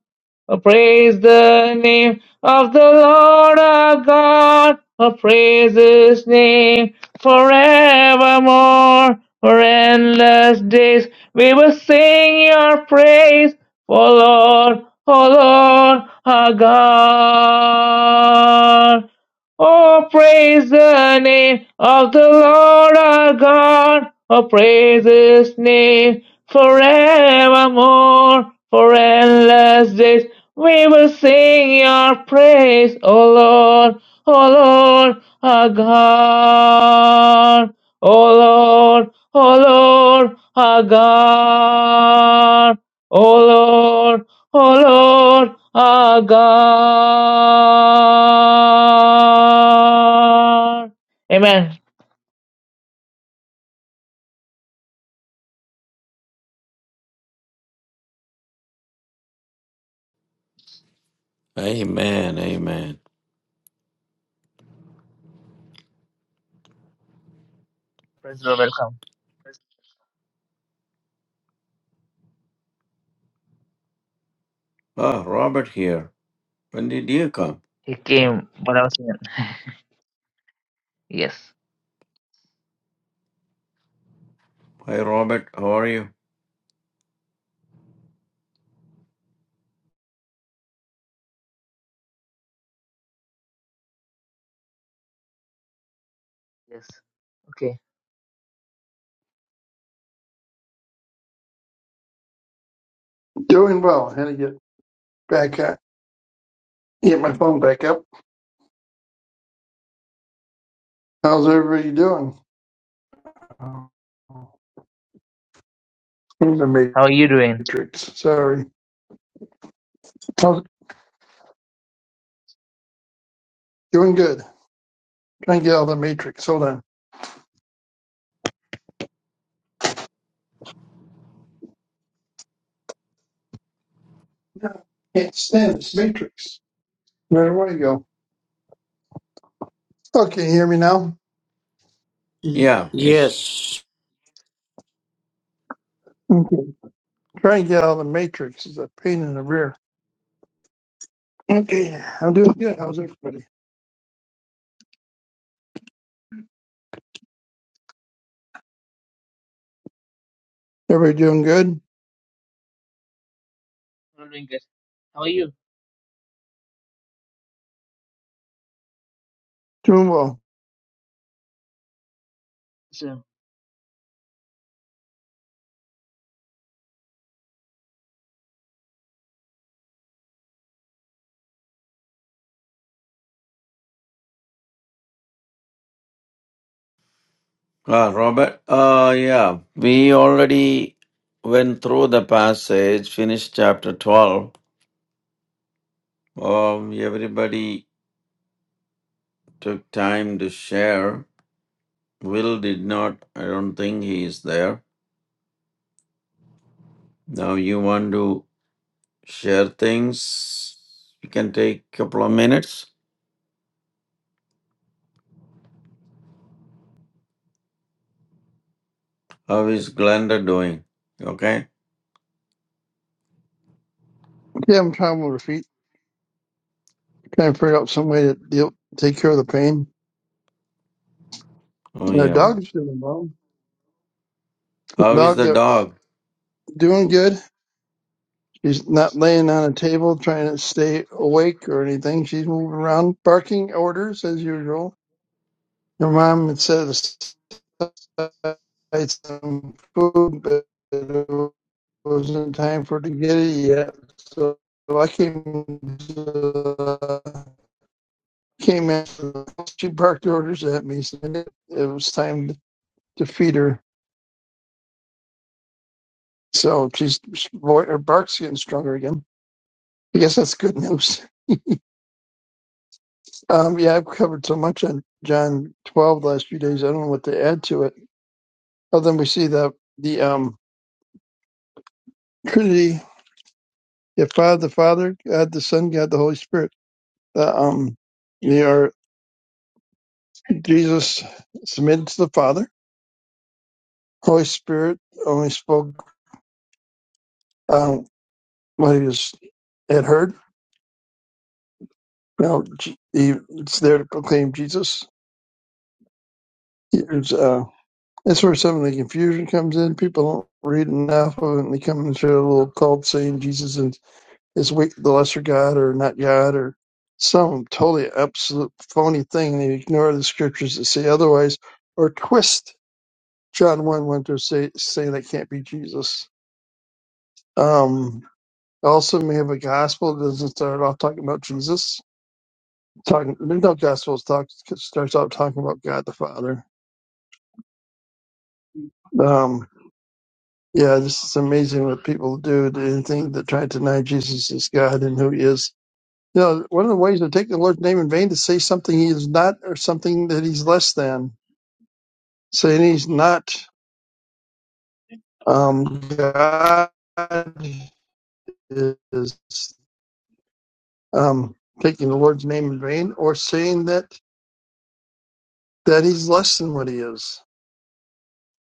B: Oh, praise the name of the Lord our God. Oh, praise his name forevermore. For endless days we will sing your praise. For Lord, O Lord, our God. Oh, praise the name of the Lord our God. Oh, praise his name forevermore. For endless days we will sing your praise, O Lord, O Lord our God. O Lord, O Lord our God. O Lord, O Lord our God. Amen.
A: Amen. Amen.
B: Praise the Lord. Welcome.
A: Ah, Robert here. When did you come?
B: He came, but I was in. Yes.
A: Hi, Robert. How are you?
B: Yes. Okay.
E: Doing well. Had to get back up, get my phone back up. How's everybody doing? Oh,
B: Good.
E: In the
B: How are you doing?
E: Matrix. Sorry. How's, doing good. Trying to get out of the Matrix. Hold on. No, can't stand this Matrix. Where do I go? Okay, you hear me now?
A: Yeah, it's
C: Yes.
E: Okay. Trying to get out of the Matrix is a pain in the rear. Okay, I'm doing good. How's everybody? Everybody doing good?
B: I'm doing good. How are you?
E: Doing well.
B: Sir.
A: Ah, Robert. Uh, yeah, we already went through the passage, finished chapter 12. Um, everybody took time to share. Will did not, I don't think he is there. Now, you want to share things? You can take a couple of minutes. How is Glenda doing? Okay.
E: Yeah, I'm trying with feet. Trying to figure out some way to deal, take care of the pain.
A: Oh,
E: My
A: yeah.
E: dog's doing well. The
A: How is
E: dog
A: the
E: that
A: dog?
E: Doing good. She's not laying on a table trying to stay awake or anything. She's moving around, barking orders as usual. Her mom had set aside some food, but it wasn't time for her to get it yet. So I came uh, came in. She barked orders at me, saying it, it was time to feed her. So she's her bark's getting stronger again. I guess that's good news. Um, yeah, I've covered so much on John 12 the last few days. I don't know what to add to it. Other than we see the the um, Trinity, the Father, the Father, God, the Son, God, the Holy Spirit. The um, they are Jesus submitted to the Father. Holy Spirit only spoke um, what he was, had heard. Now J- he, it's there to proclaim Jesus. Here's uh, that's where some of the confusion comes in. People don't read enough of it, and they come into a little cult saying Jesus is is weak, the lesser God or not God or some totally absolute phony thing. and They ignore the scriptures that say otherwise or twist John 1 1 to say, saying that can't be Jesus. Um, also, we have a gospel that doesn't start off talking about Jesus. Talking, there's no gospels talk starts off talking about God the Father. Um, yeah, this is amazing what people do. They think that try to deny Jesus is God and who He is You know, one of the ways to take the Lord's name in vain is to say something he is not or something that he's less than. Saying he's not um, God is um, taking the Lord's name in vain, or saying that that he's less than what he is.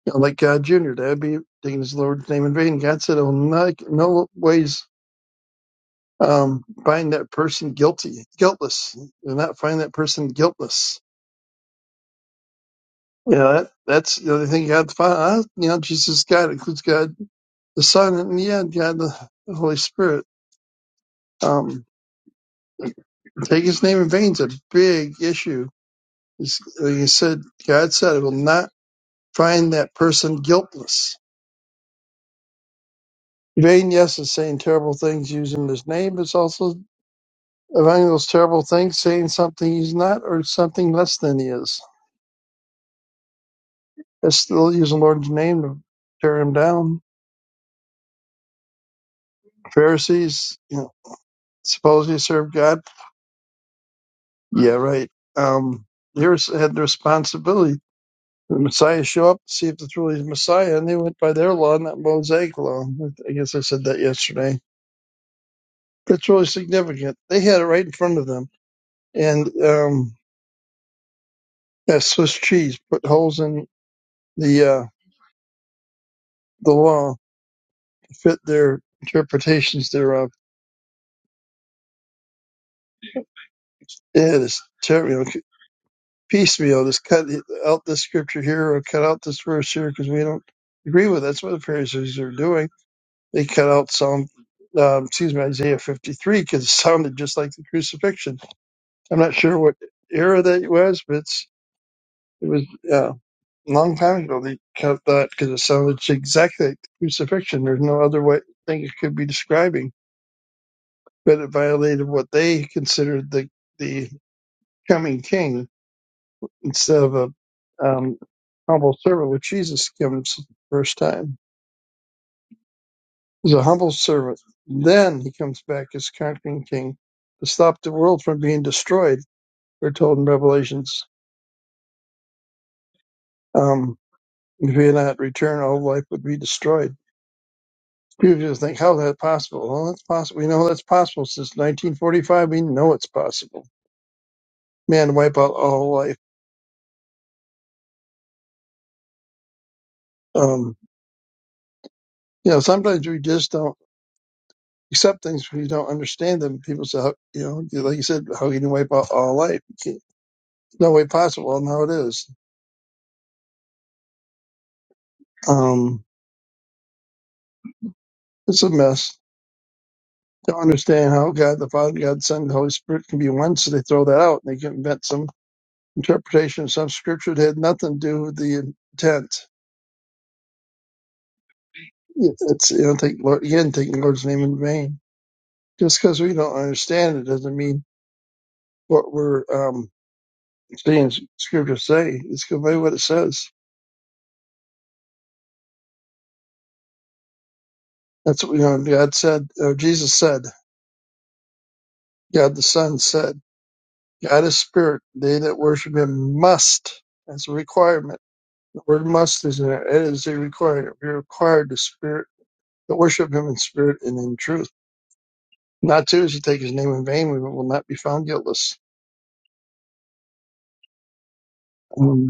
E: You know, like God Jr., that would be taking his Lord's name in vain. God said, I will not, no ways um, find that person guilty, guiltless. Do not find that person guiltless. Yeah, that, that's the other thing God found. You know, Jesus God, includes God the Son and yeah, God, the, the Holy Spirit, um, take His name in vain is a big issue. It's, like you said, God said, "I will not find that person guiltless." Vain, yes, is saying terrible things using His name, but it's also finding those terrible things, saying something He's not or something less than He is. It's still using the Lord's name to tear Him down. Pharisees, you know, suppose you serve God. Yeah, right. Um, here's had the responsibility the Messiah show up to see if it's really the Messiah, and they went by their law, not Mosaic law. I guess I said that yesterday. It's really significant. They had it right in front of them, and um, that Swiss cheese put holes in the uh, the law to fit their interpretations thereof. Yeah, this ter- you know, piecemeal. Just cut out this scripture here or cut out this verse here because we don't agree with. It. That's what the Pharisees are doing. They cut out some. um, excuse me, Isaiah 53 because it sounded just like the crucifixion I'm not sure what era that it was, but it's, it was uh, a long time ago they cut that because it sounded exactly like the crucifixion. There's no other way thing it could be describing, but it violated what they considered the the coming king instead of a um, humble servant, which Jesus comes the first time. He's a humble servant. Then he comes back as conquering king to stop the world from being destroyed. We're told in Revelations, um, if he had not returned, all life would be destroyed People just think, how is that possible? Well, that's possible. We know that's possible since 1945. We know it's possible. Man, wipe out all life. Um, you know, sometimes we just don't accept things when you don't understand them. People say, how, you know, like you said, how can you wipe out all life? You can't- No way possible. Well, now it is. Um, it's a mess. Don't understand how God, the Father, God, the Son, and the Holy Spirit can be one, so they throw that out and they can invent some interpretation of some scripture that had nothing to do with the intent. Yeah, That's, you don't take Lord, you didn't take the Lord's name in vain. Just because we don't understand it doesn't mean what we're um, seeing Scripture say. It's go by what it says. That's what you know. God said, or Jesus said, God the Son said, God is Spirit. They that worship Him must. That's a requirement. The word "must" is in there. It is a requirement. We're required to spirit to worship Him in spirit and in truth. Not to is to take His name in vain. We will not be found guiltless. Um,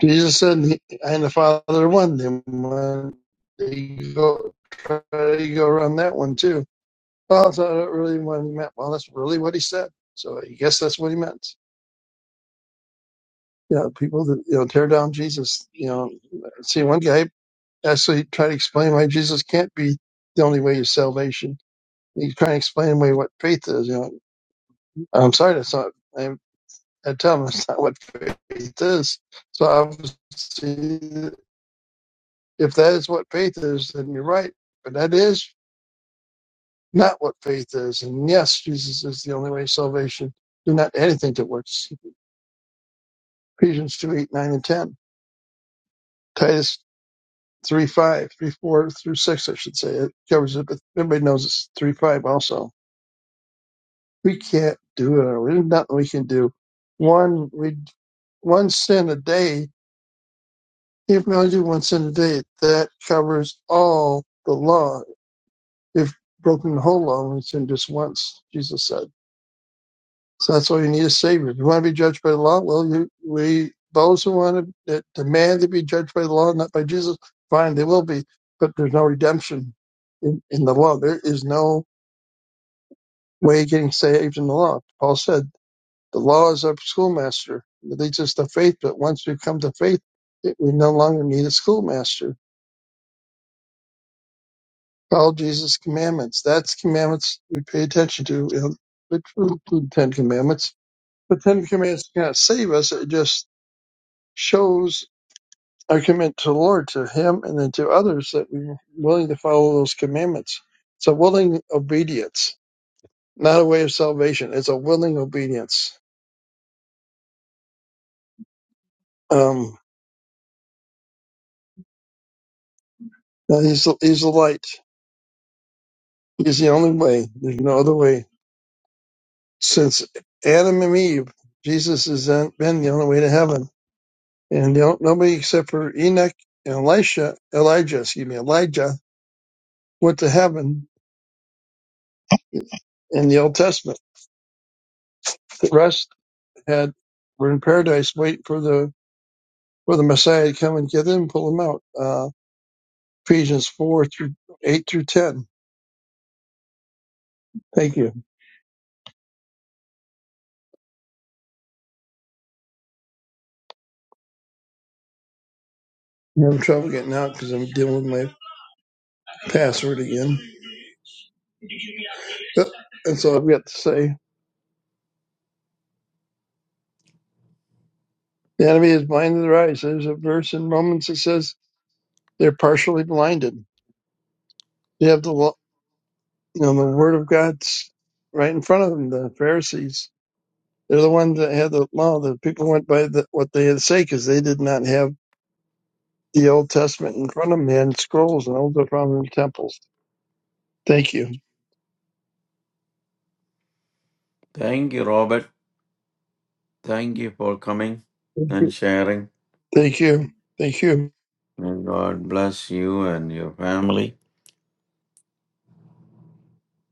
E: Jesus said, "I and the Father are one." Then when there you go try to go around that one too. Well, that's not really what he meant. Well, that's really what he said. So I guess that's what he meant. Yeah, people that you know tear down Jesus. You know, see one guy actually try to explain why Jesus can't be the only way to salvation. He's trying to explain away what faith is. You know, I'm sorry, that's not. I, I tell him that's not what faith is. So obviously if that is what faith is, then you're right. But that is not what faith is. And yes, Jesus is the only way to salvation. Do not add anything to works. Ephesians 2 8 9 and 10. Titus 3 5 3 4 through 6, I should say. It covers it, but everybody knows it's 3, 5 also. We can't do it. on our There's nothing we can do. One, we, one sin a day, if we only do one sin a day, that covers all the law. If broken the whole law, we sin just once, Jesus said. So that's all you need a savior. If you want to be judged by the law, well, you, we those who want to that demand to be judged by the law, not by Jesus, fine, they will be. But there's no redemption in, in the law. There is no way of getting saved in the law. Paul said the law is our schoolmaster. It leads us to faith, but once we come to faith, it, we no longer need a schoolmaster. Follow Jesus' commandments. That's commandments we pay attention to. You know, which include the Ten Commandments. The Ten Commandments cannot save us. It just shows I commit to the Lord, to Him, and then to others that we're willing to follow those commandments. It's a willing obedience, not a way of salvation. It's a willing obedience. Um, he's He's the light. He's the only way. There's no other way. Since Adam and Eve, Jesus has been the only way to heaven, and the on- nobody except for Enoch and Elisha, Elijah, excuse me, Elijah went to heaven in the Old Testament. The rest had were in paradise waiting for the for the Messiah to come and get them, pull them out. Uh, Ephesians 4 through 8 through 10. Thank you. I'm having trouble getting out because I'm dealing with my password again. Yep. That's all I've got to say. The enemy is blind in their eyes. There's a verse in Romans that says they're partially blinded. They have the lo- you know the word of God's right in front of them. The Pharisees, they're the ones that had the law. The people went by the, what they had to say because they did not have the Old Testament in front of them. They had scrolls and old from them temples. Thank you.
A: Thank you, Robert. Thank you for coming
E: Thank
A: and
E: you.
A: sharing.
E: Thank you. Thank you.
A: May God bless you and your family.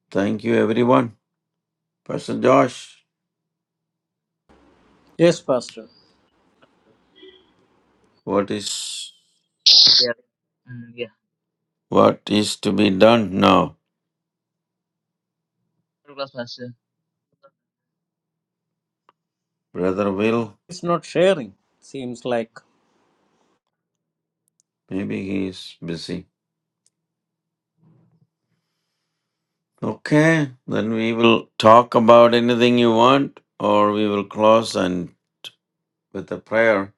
A: Thank you, everyone. Pastor Josh,
C: Yes, Pastor.
A: what is
B: Yeah. Mm, yeah.
A: what is to be done now?
B: God bless my sir.
A: Brother Will,
C: It's not sharing. Seems like
A: maybe he is busy. Okay, then we will talk about anything you want, or we will close and with a prayer.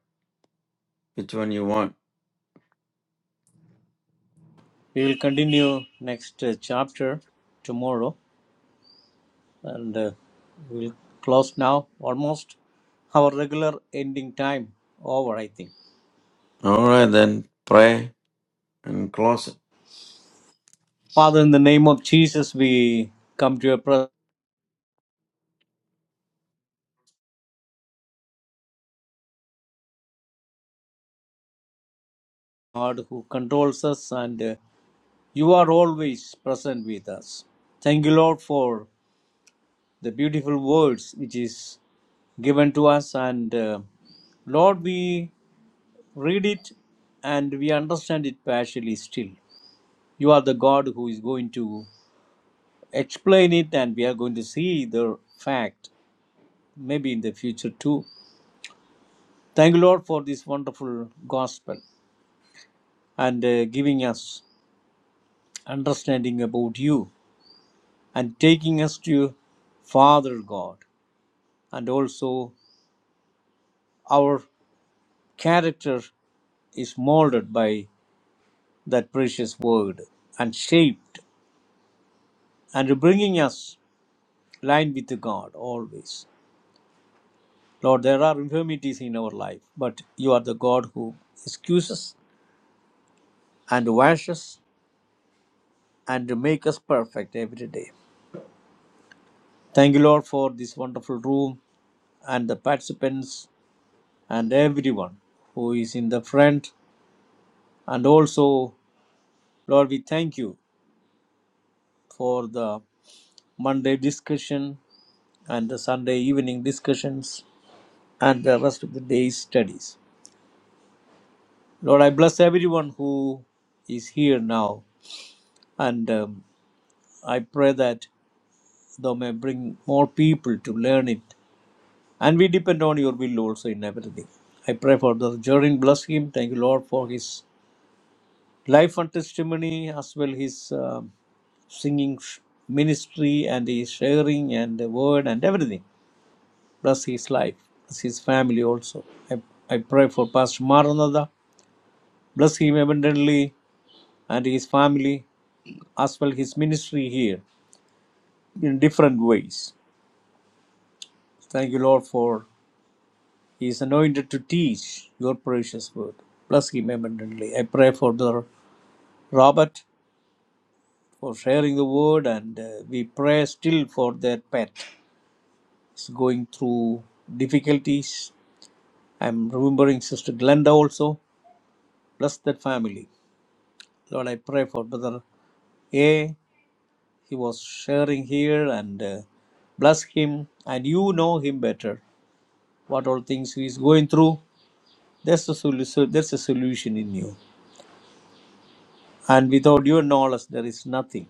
A: Which one you want?
C: we will continue next uh, chapter tomorrow and uh, we'll close now almost our regular ending time over, I think.
A: All right, then pray and close it.
C: Father, in the name of Jesus, we come to your presence, God, who controls us, and uh, you are always present with us. Thank you, Lord, for the beautiful words which is given to us, and uh, Lord, we read it and we understand it partially still. You are the God who is going to explain it, and we are going to see the fact maybe in the future too. Thank you, Lord, for this wonderful gospel and uh, giving us understanding about you and taking us to Father God. And also, our character is molded by that precious word and shaped and bringing us line with God always. Lord, there are infirmities in our life, but you are the God who excuses and washes and makes us perfect every day. Thank you, Lord, for this wonderful room and the participants and everyone who is in the front. And also, Lord, we thank you for the Monday discussion and the Sunday evening discussions and the rest of the day's studies. Lord, I bless everyone who is here now. And um, I pray that thou may bring more people to learn it. And we depend on your will also in everything. I pray for the Jordan. Bless him. Thank you, Lord, for his life and testimony, as well his um singing sh- ministry and his sharing and the word and everything. Bless his life. Bless his family also. I, I pray for Pastor Maranatha. Bless him abundantly and his family, as well his ministry here in different ways. Thank you, Lord, for He is anointed to teach your precious word. Bless him abundantly. I pray for the Robert for sharing the word, and uh, we pray still for that pet. He's going through difficulties. I'm remembering Sister Glenda also. Bless that family. Lord, I pray for Brother A. He was sharing here and uh, bless him, and you know him better. What all things he is going through, there's a solution. There's a solution in you And without your knowledge, there is nothing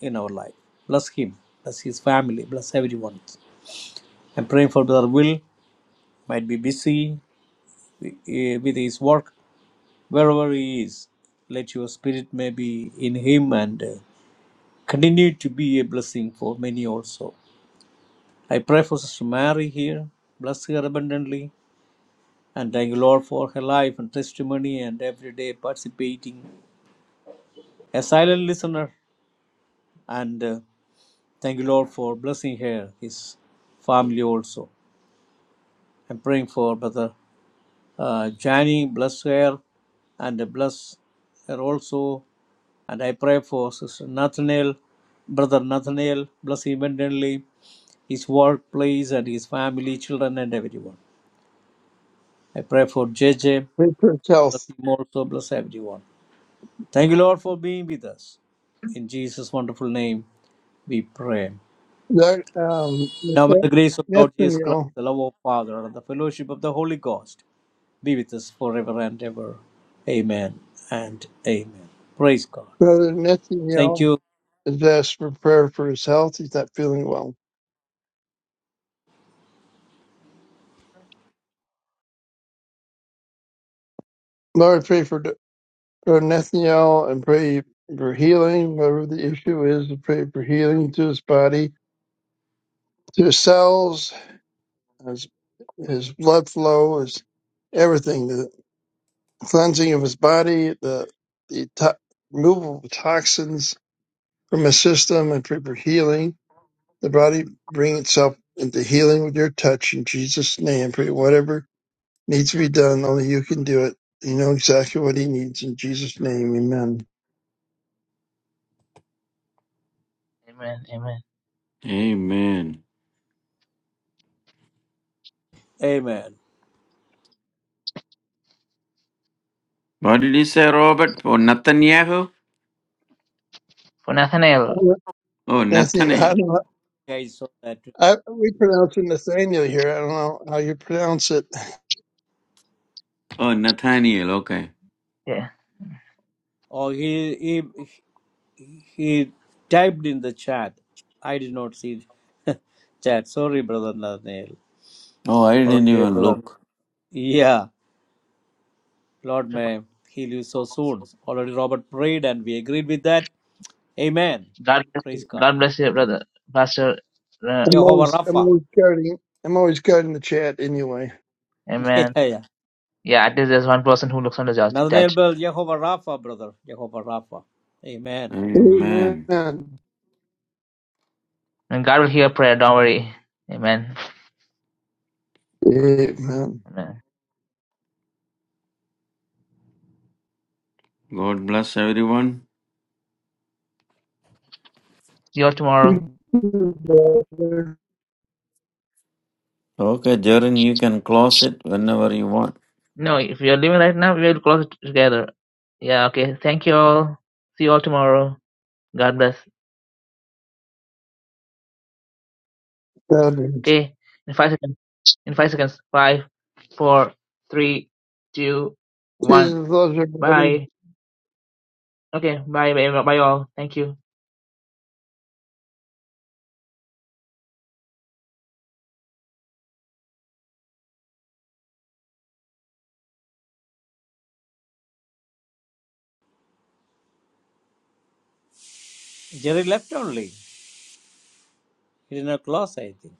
C: in our life. Bless him, bless his family, bless everyone. I'm praying for Brother Will, might be busy with eh, with his work, wherever he is. Let your spirit may be in him and eh, continue to be a blessing for many also. I pray for Sister Mary here. Bless her abundantly. And thank you, Lord, for her life and testimony and every day participating. A silent listener and uh, Thank you, Lord, for blessing her, his family also. I'm praying for Brother uh, Jani, bless her and bless her also. And I pray for Sister Nathaniel, Brother Nathaniel, bless him abundantly, his workplace and his family, children, and everyone. I pray for J J,
E: Richard
C: bless
E: Health.
C: him also, bless everyone. Thank you, Lord, for being with us. In Jesus' wonderful name, we pray.
E: That, um,
C: Now, may
E: Nathan-
C: the grace of Lord Jesus Christ,
E: Nathaniel,
C: the love of Father, and the fellowship of the Holy Ghost be with us forever and ever. Amen and amen. Praise God.
E: Brother
C: Thank
E: Nathaniel
C: you.
E: has asked for prayer for his health. He's not feeling well. Lord, pray for D- Brother Nathaniel and pray for healing, whatever the issue is, pray for healing to his body, to his cells, his, his blood flow, his everything, the cleansing of his body, the, the to- removal of toxins from his system, and pray for healing the body bring itself into healing with your touch in Jesus' name. Pray whatever needs to be done, only you can do it. You know exactly what he needs in Jesus' name. Amen.
B: Amen. Amen.
A: Amen.
C: Amen.
A: What did he say, Robert? Oh, Nathaniel.
B: For Nathaniel.
E: Oh,
A: Oh,
E: Nathaniel, I
A: Nathaniel.
E: don't know,
C: I saw that.
E: I, we pronounce it Nathaniel here. I don't know how you pronounce it.
A: Oh, Nathaniel. Okay.
B: Yeah.
C: Oh, he he he typed in the chat. I did not see chat. Sorry, brother Nathaniel.
A: Oh, I didn't
C: Already,
A: even
C: brother.
A: look.
C: Yeah, Lord may heal you so soon. Already, Robert prayed and we agreed with that. Amen.
B: God bless
C: Praise
B: you.
C: God.
B: God bless you, brother. Pastor. Uh,
E: I'm
C: Jehovah
E: always, I'm
C: Rapha.
E: always guarding, I'm always guarding the chat anyway.
C: Yeah,
B: amen.
C: yeah.
B: Yeah, at least there's one person who looks on the
C: Nathaniel
B: judge.
C: Bell, Jehovah Rapha, brother. Jehovah Rapha. Amen.
E: Amen.
A: Amen.
B: And God will hear prayer. Don't worry. Amen.
E: Amen.
B: No.
A: God bless everyone.
B: See you all tomorrow.
A: Okay, Jaren, you can close it whenever you want.
B: No, if you're leaving right now, we'll close it together. Yeah, okay. Thank you all. See you all tomorrow. God bless.
E: God bless.
B: Okay. In five seconds. In five seconds. Five, four, three, two, one.
E: Jesus loves everybody.
B: Bye. Okay. Bye. Bye. Bye. All. Thank you.
C: Jerry left only. He did not close, I think.